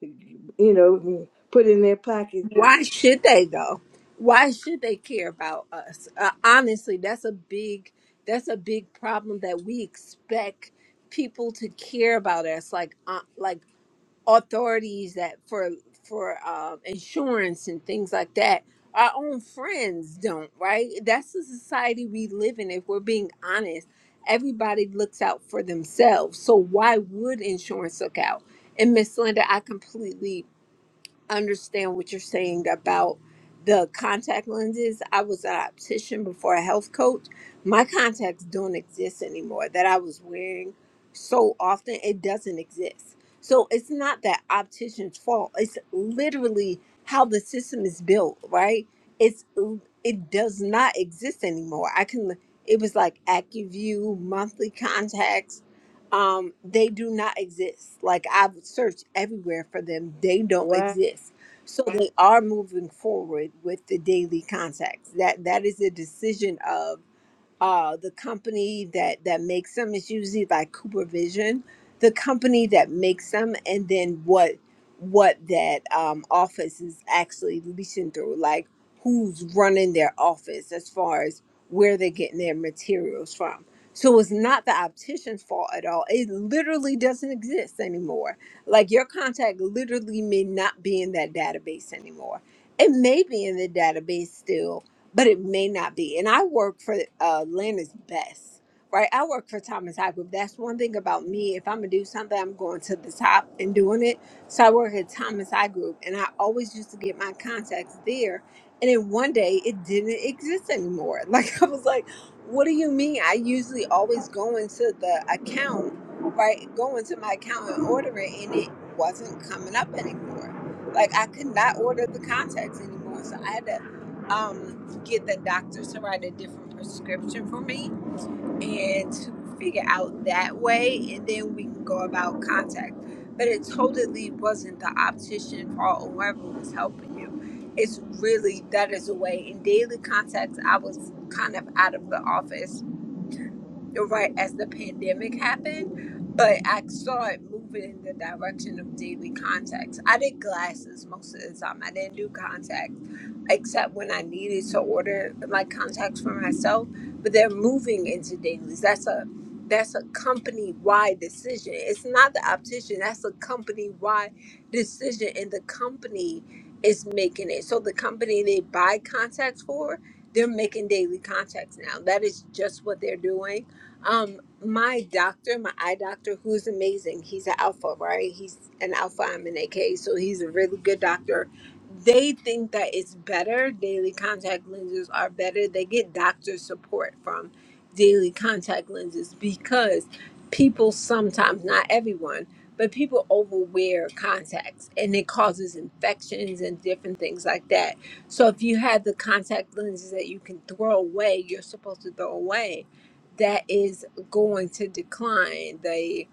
Speaker 1: you know, put in their pocket.
Speaker 2: Why should they though? Why should they care about us? Uh, honestly, that's a big that's a big problem that we expect people to care about us, like uh, like authorities that for for um, insurance and things like that. Our own friends don't, right? That's the society we live in. If we're being honest, everybody looks out for themselves. So why would insurance look out? And Miss Linda, I completely understand what you're saying about the contact lenses. I was an optician before a health coach. My contacts don't exist anymore that I was wearing so often. It doesn't exist. So it's not that optician's fault. It's literally how the system is built, right? It's it does not exist anymore. I can it was like AccuView, monthly contacts, um they do not exist like i've searched everywhere for them they don't exist so they are moving forward with the daily contacts that that is a decision of uh, the company that that makes them is usually like Cooper Vision, the company that makes them, and then what what that um, office is actually leasing through, like who's running their office as far as where they're getting their materials from. So it's not the optician's fault at all. It literally doesn't exist anymore. Like your contact literally may not be in that database anymore. It may be in the database still, but it may not be. And I work for uh, Atlanta's best, right? I work for Thomas High Group. That's one thing about me. If I'm gonna do something, I'm going to the top and doing it. So I work at Thomas High Group, and I always used to get my contacts there. And then one day, it didn't exist anymore. Like I was like, "What do you mean?" I usually always go into the account, right? Go into my account and order it, and it wasn't coming up anymore. Like I could not order the contacts anymore, so I had to. Um, get the doctor to write a different prescription for me and to figure out that way and then we can go about contact but it totally wasn't the optician fault or whoever was helping you it's really that is a way in daily contacts i was kind of out of the office right as the pandemic happened, but I saw it moving in the direction of daily contacts. I did glasses most of the time. I didn't do contacts except when I needed to order like contacts for myself. But they're moving into dailies. That's a that's a company wide decision. It's not the optician. That's a company wide decision, and the company is making it. So the company they buy contacts for, they're making daily contacts now. That is just what they're doing um, my doctor, my eye doctor, who's amazing. He's an alpha, right? He's an alpha. I'm an AK, so he's a really good doctor. They think that it's better. Daily contact lenses are better. They get doctor support from daily contact lenses because people sometimes, not everyone, but people overwear contacts and it causes infections and different things like that. So if you have the contact lenses that you can throw away, you're supposed to throw away that is going to decline the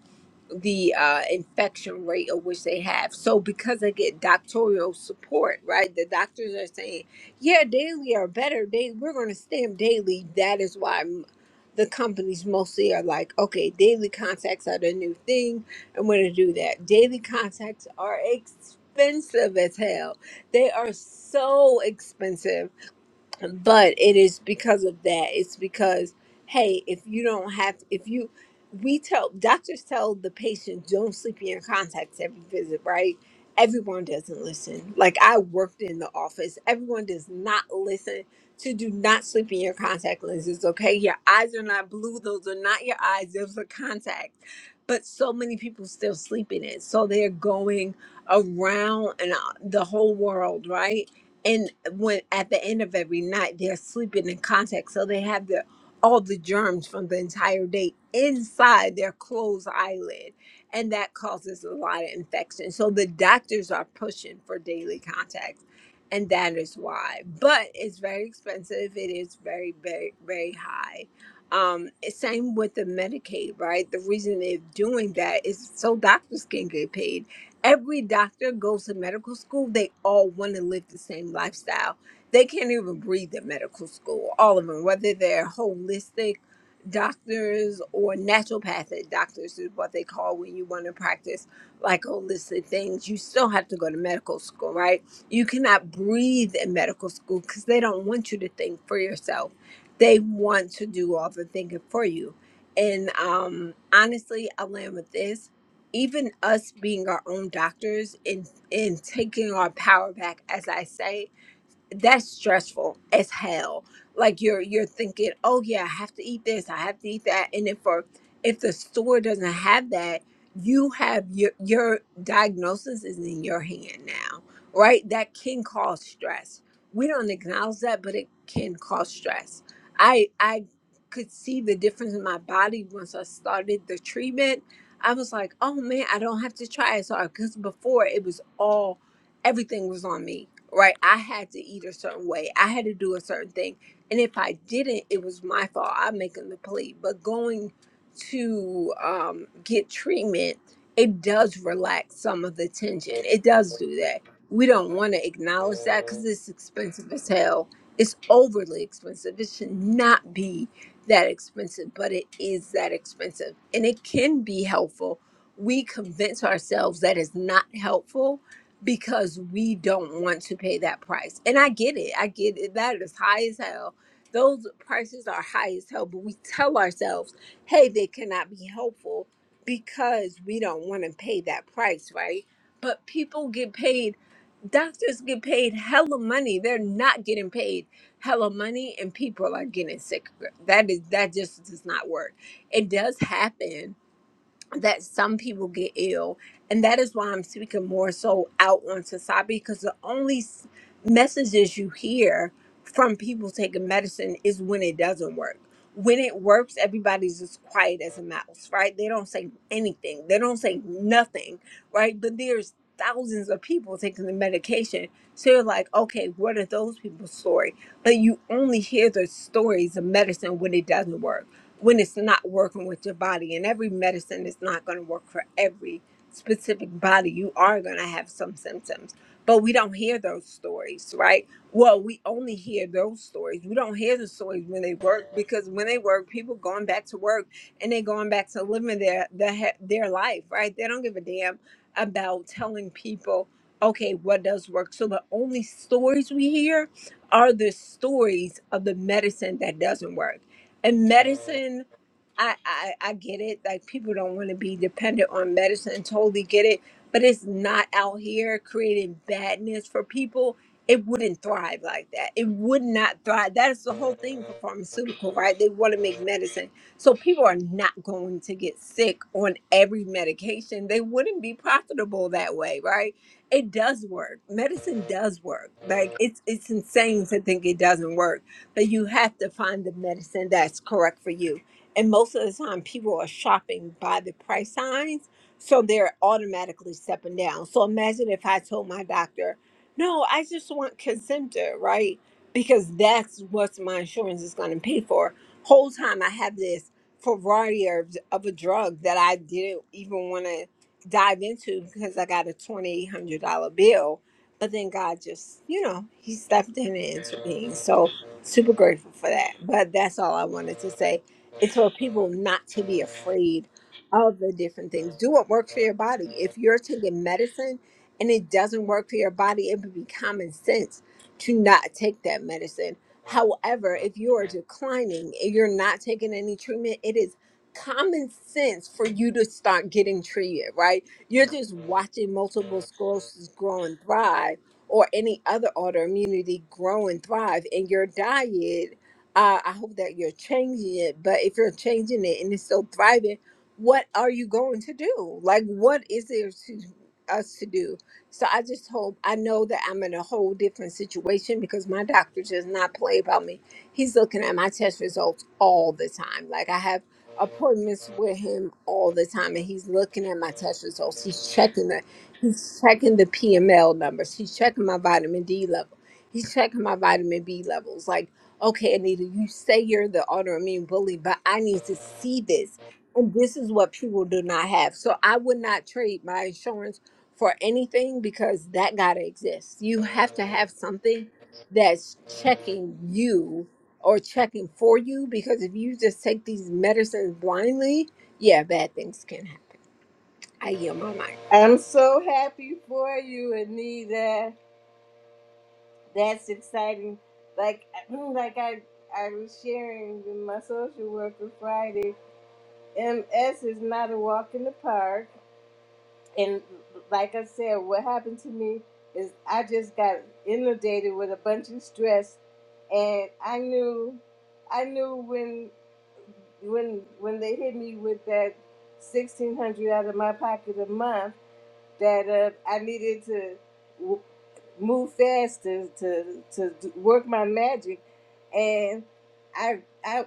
Speaker 2: the uh, infection rate of which they have. So because they get doctoral support, right? The doctors are saying, yeah, daily are better. They we're going to stem daily. That is why m- the companies mostly are like, okay, daily contacts are the new thing. I'm going to do that. Daily contacts are expensive as hell. They are so expensive but it is because of that it's because hey if you don't have if you we tell doctors tell the patient don't sleep in your contacts every visit right everyone doesn't listen like i worked in the office everyone does not listen to do not sleep in your contact lenses okay your eyes are not blue those are not your eyes those are contacts but so many people still sleep in it so they're going around and uh, the whole world right and when at the end of every night they're sleeping in contact so they have their all the germs from the entire day inside their closed eyelid and that causes a lot of infection so the doctors are pushing for daily contacts and that is why but it's very expensive it is very very very high um same with the medicaid right the reason they're doing that is so doctors can get paid Every doctor goes to medical school. They all want to live the same lifestyle. They can't even breathe at medical school, all of them, whether they're holistic doctors or naturopathic doctors, is what they call when you want to practice like holistic things. You still have to go to medical school, right? You cannot breathe in medical school because they don't want you to think for yourself. They want to do all the thinking for you. And um, honestly, I land with this even us being our own doctors and and taking our power back as i say that's stressful as hell. Like you're you're thinking, oh yeah, I have to eat this, I have to eat that, and if for if the store doesn't have that, you have your your diagnosis is in your hand now, right? That can cause stress. We don't acknowledge that, but it can cause stress. I I could see the difference in my body once I started the treatment. I was like, oh man, I don't have to try it. So because before it was all everything was on me, right? I had to eat a certain way, I had to do a certain thing. And if I didn't, it was my fault. I'm making the plea. But going to um, get treatment, it does relax some of the tension. It does do that. We don't want to acknowledge that because it's expensive as hell. It's overly expensive. It should not be that expensive, but it is that expensive. And it can be helpful. We convince ourselves that it's not helpful because we don't want to pay that price. And I get it. I get it. That is high as hell. Those prices are high as hell, but we tell ourselves, hey, they cannot be helpful because we don't want to pay that price, right? But people get paid, doctors get paid hella money. They're not getting paid hella money and people are getting sicker. That is that just does not work. It does happen that some people get ill and that is why i'm speaking more so out on society because the only s- messages you hear from people taking medicine is when it doesn't work when it works everybody's as quiet as a mouse right they don't say anything they don't say nothing right but there's thousands of people taking the medication so you're like okay what are those people's story but you only hear the stories of medicine when it doesn't work when it's not working with your body. And every medicine is not going to work for every specific body. You are going to have some symptoms, but we don't hear those stories, right? Well, we only hear those stories. We don't hear the stories when they work because when they work, people going back to work and they going back to living their their, their life, right? They don't give a damn about telling people okay what does work so the only stories we hear are the stories of the medicine that doesn't work and medicine I, I I get it. Like people don't want to be dependent on medicine. Totally get it. But it's not out here creating badness for people. It wouldn't thrive like that. It would not thrive. That is the whole thing for pharmaceutical, right? They want to make medicine. So people are not going to get sick on every medication. They wouldn't be profitable that way, right? It does work. Medicine does work. Like it's it's insane to think it doesn't work. But you have to find the medicine that's correct for you and most of the time, people are shopping by the price signs. So they're automatically stepping down. So imagine if I told my doctor, no, I just want Concentra, right? Because that's what my insurance is going to pay for. Whole time I have this variety of, of a drug that I didn't even want to dive into because I got a $2,800 bill. But then God just, you know, He stepped in and intervened. So super grateful for that. But that's all I wanted to say it's for people not to be afraid of the different things. Do what works for your body. If you're taking medicine and it doesn't work for your body, it would be common sense to not take that medicine. However, if you are declining and you're not taking any treatment, it is common sense for you to start getting treated, right? You're just watching multiple sclerosis grow and thrive or any other autoimmunity grow and thrive in your diet uh, I hope that you're changing it. But if you're changing it and it's still thriving, what are you going to do? Like, what is there to us to do? So I just hope I know that I'm in a whole different situation because my doctor does not play about me. He's looking at my test results all the time. Like I have appointments with him all the time, and he's looking at my test results. He's checking the he's checking the PML numbers. He's checking my vitamin D level. He's checking my vitamin B levels. Like okay, Anita, you say you're the autoimmune bully, but I need to see this. And this is what people do not have. So I would not trade my insurance for anything because that got to exist. You have to have something that's checking you or checking for you because if you just take these medicines blindly, yeah, bad things can happen. I yield my mind.
Speaker 1: I'm so happy for you, Anita. That's exciting. Like, mm, like I, I was sharing with my social worker Friday. MS is not a walk in the park, and like I said, what happened to me is I just got inundated with a bunch of stress, and I knew, I knew when, when, when they hit me with that sixteen hundred out of my pocket a month that uh, I needed to w- move fast to, to to d- work my magic, and I I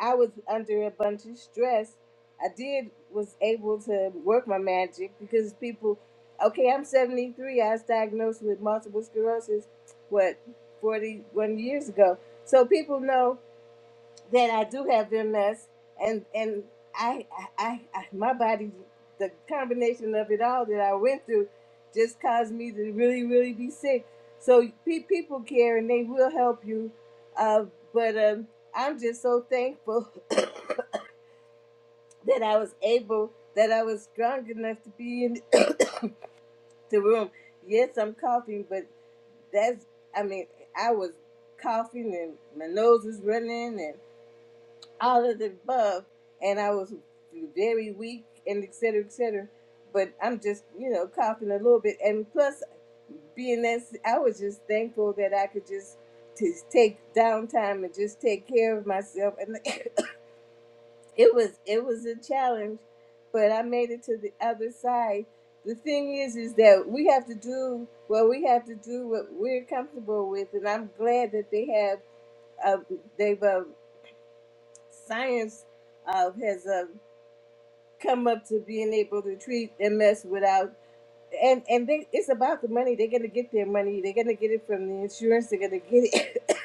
Speaker 1: I was under a bunch of stress. I did was able to work my magic because people, okay, I'm 73. I was diagnosed with multiple sclerosis, what 41 years ago. So people know that I do have MS, and and I, I, I my body, the combination of it all that I went through, just caused me to really, really be sick. So pe- people care and they will help you, uh, but um, I'm just so thankful that I was able, that I was strong enough to be in the room. Yes, I'm coughing, but that's I mean I was coughing and my nose was running all of the above, and I was very weak and et cetera, et cetera. But I'm just, you know, coughing a little bit, and plus, being that I was just thankful that I could just to take downtime and just take care of myself, and it was it was a challenge, but I made it to the other side. The thing is, is that we have to do what we have to do, what we're comfortable with, and I'm glad that they have, uh, they've uh, science uh, has uh, come up to being able to treat MS without and and they it's about the money. They're gonna get their money. They're gonna get it from the insurance. They're gonna get it.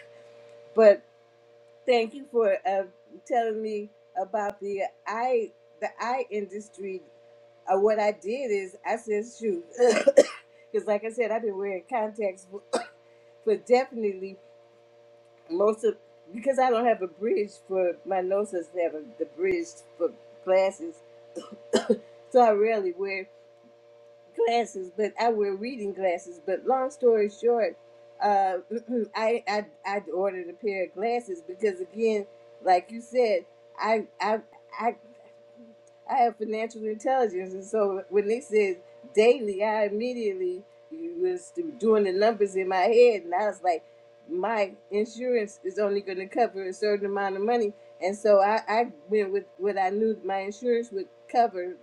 Speaker 1: but thank you for uh, telling me about the eye the eye industry. Uh, what I did is I said shoot, because like I said, I've been wearing contacts for, for definitely most of because I don't have a bridge for my nose doesn't have a, the bridge for glasses, so I rarely wear. glasses, but I wear reading glasses. But long story short, uh, I, I I ordered a pair of glasses because again, like you said, I I I I have financial intelligence, and so when they said daily, I immediately was doing the numbers in my head, and I was like, my insurance is only going to cover a certain amount of money, and so I, I went with what I knew my insurance would cover,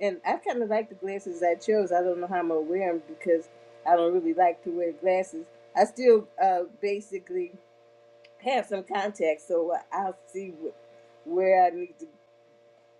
Speaker 1: and I kind of like the glasses I chose. I don't know how I'm gonna wear them because I don't really like to wear glasses. I still uh, basically have some contacts, so I'll see what, where I need to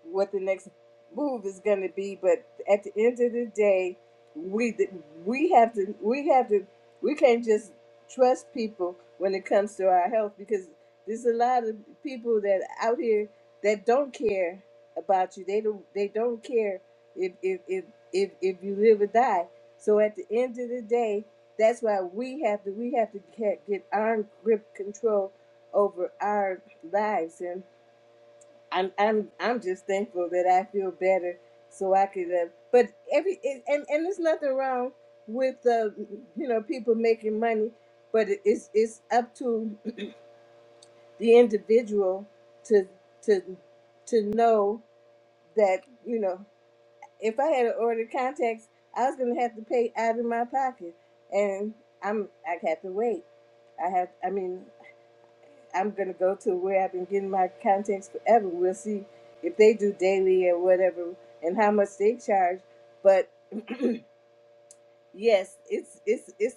Speaker 1: what the next move is going to be. But at the end of the day, we we have to we have to we can't just trust people when it comes to our health because there's a lot of people that out here that don't care about you. They don't they don't care if if if if, if you live or die. So at the end of the day, that's why we have to we have to get, get our grip control over our lives I'm I'm I'm just thankful that I feel better, so I could. Uh, but every it, and and there's nothing wrong with uh, you know people making money, but it- it's it's up to the individual to to to know that you know if I had ordered contacts, I was gonna have to pay out of my pocket, and I'm I have to wait. I have. I mean, I'm gonna go to where I've been getting my contacts forever. We'll see if they do daily or whatever and how much they charge. But Yes, it's it's it's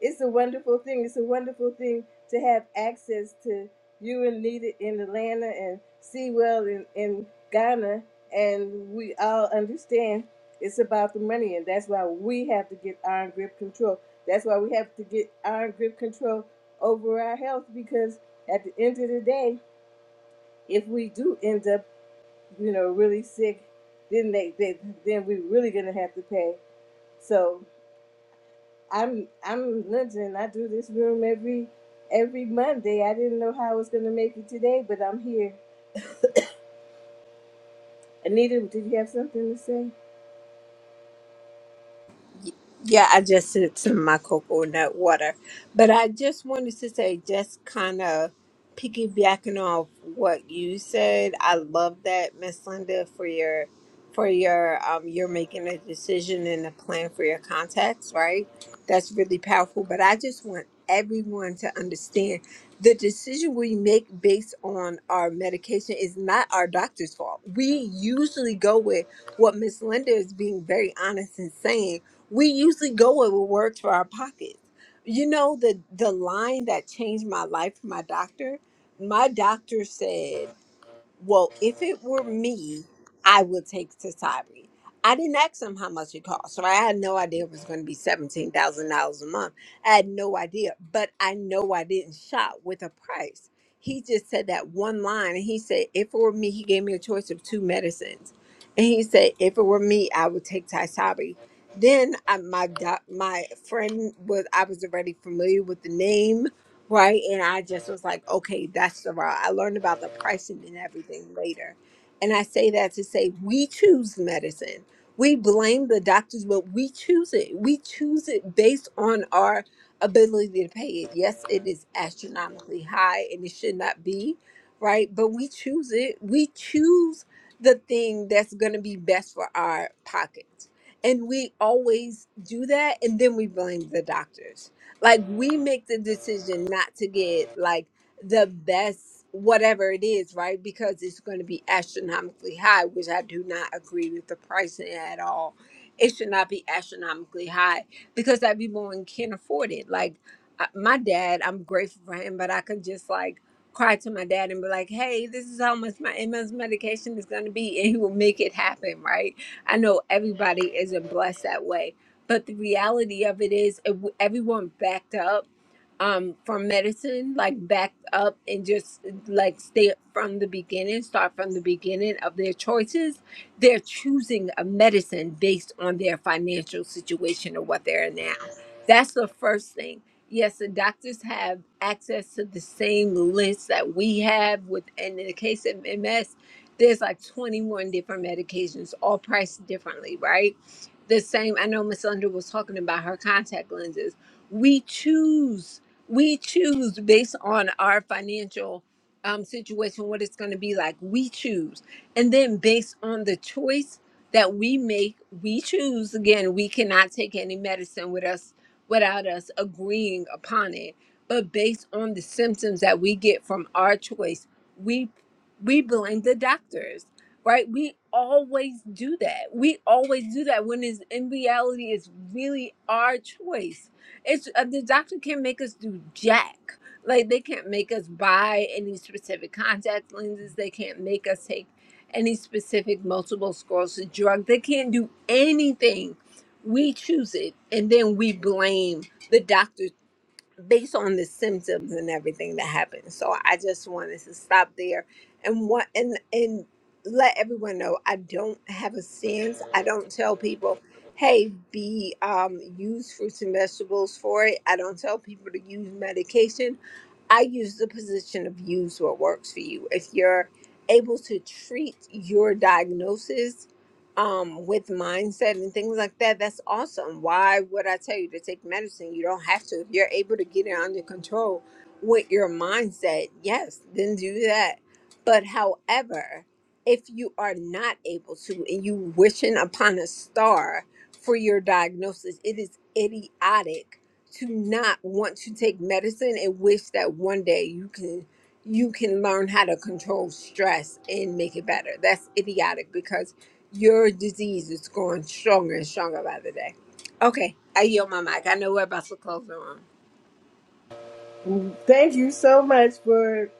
Speaker 1: it's a wonderful thing. It's a wonderful thing to have access to you and Nita in Atlanta and Sewell in, in Ghana, and we all understand it's about the money, and that's why we have to get iron grip control. That's why we have to get iron grip control over our health because at the end of the day, if we do end up, you know, really sick, then they, they then we're really gonna have to pay. So. I'm I'm London. I do this room every every Monday. I didn't know how I was gonna make it today, but I'm here. Anita, did you have something to say?
Speaker 2: Yeah, I just did some of my coconut water. But I just wanted to say, just kind of piggybacking off what you said, I love that, Miss Linda, for your for your um you're making a decision and a plan for your contacts, right? That's really powerful. But I just want everyone to understand the decision we make based on our medication is not our doctor's fault. We usually go with what Miss Linda is being very honest and saying we usually go with what works for our pockets. You know the the line that changed my life. My doctor, my doctor said. Well, if it were me, I would take Tasari. I didn't ask him how much it cost, so I had no idea it was going to be seventeen thousand dollars a month. I had no idea, but I know I didn't shop with a price. He just said that one line, and he said, "If it were me," he gave me a choice of two medicines, and he said, "If it were me, I would take Tasari." Then I, my doc, my friend was I was already familiar with the name, right? And I just was like, okay, that's the route. I learned about the pricing and everything later. And I say that to say we choose medicine. We blame the doctors, but we choose it. We choose it based on our ability to pay it. Yes, it is astronomically high and it should not be, right? But we choose it. We choose the thing that's going to be best for our pockets. And we always do that. And then we blame the doctors like we make the decision not to get like the best whatever it is right because it's going to be astronomically high which i do not agree with the pricing at all it should not be astronomically high because that people can't afford it like I- my dad i'm grateful for him but i could just like cry to my dad and be like hey this is how much my ms medication is going to be and he will make it happen right i know everybody isn't blessed that way but the reality of it is, ev- everyone backed up um, from medicine, like backed up and just like stay from the beginning, start from the beginning of their choices. They're choosing a medicine based on their financial situation or what they're in now. That's the first thing. Yes, the doctors have access to the same list that we have with, and in the case of MS, there's like 21 different medications, all priced differently, right? the same i know miss linda was talking about her contact lenses we choose we choose based on our financial um, situation what it's going to be like we choose and then based on the choice that we make we choose again we cannot take any medicine with us without us agreeing upon it but based on the symptoms that we get from our choice we we blame the doctors right? We always do that. We always do that when it's in reality, it's really our choice. It's uh, the doctor can't make us do jack. Like they can't make us buy any specific contact lenses. They can't make us take any specific multiple sclerosis drug. They can't do anything. We choose it, and then we blame the doctors based on the symptoms and everything that happened. So I just wanted to stop there and what and and let everyone know I don't have a stance. I don't tell people, hey, be um use fruits and vegetables for it. I don't tell people to use medication. I use the position of use what works for you. If you're able to treat your diagnosis um, with mindset and things like that, that's awesome. Why would I tell you to take medicine? You don't have to. If you're able to get it under control with your mindset, yes, then do that. But however, if you are not able to and you wishing upon a star for your diagnosis, it is idiotic to not want to take medicine and wish that one day you can you can learn how to control stress and make it better. That's idiotic because your disease is growing stronger and stronger by the day. Okay, I yield my mic. I know we're about to close the room.
Speaker 1: Mm, Thank you so much for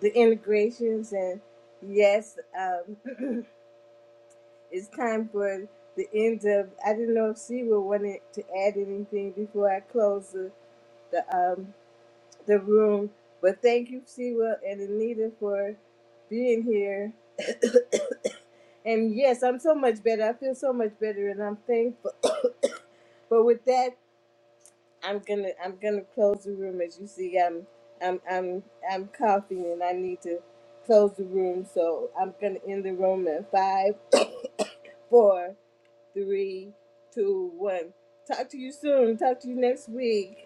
Speaker 1: the integrations and yes, um, it's time for the end of. I didn't know if she would wanted to add anything before I close the the um the room, but thank you, Siwa and Anita for being here. And yes, I'm so much better. I feel so much better, and I'm thankful But with that, I'm gonna I'm gonna close the room. As you see, I'm I'm I'm I'm coughing and I need to close the room. So I'm gonna end the room at five, four, three, two, one. Talk to you soon. Talk to you next week.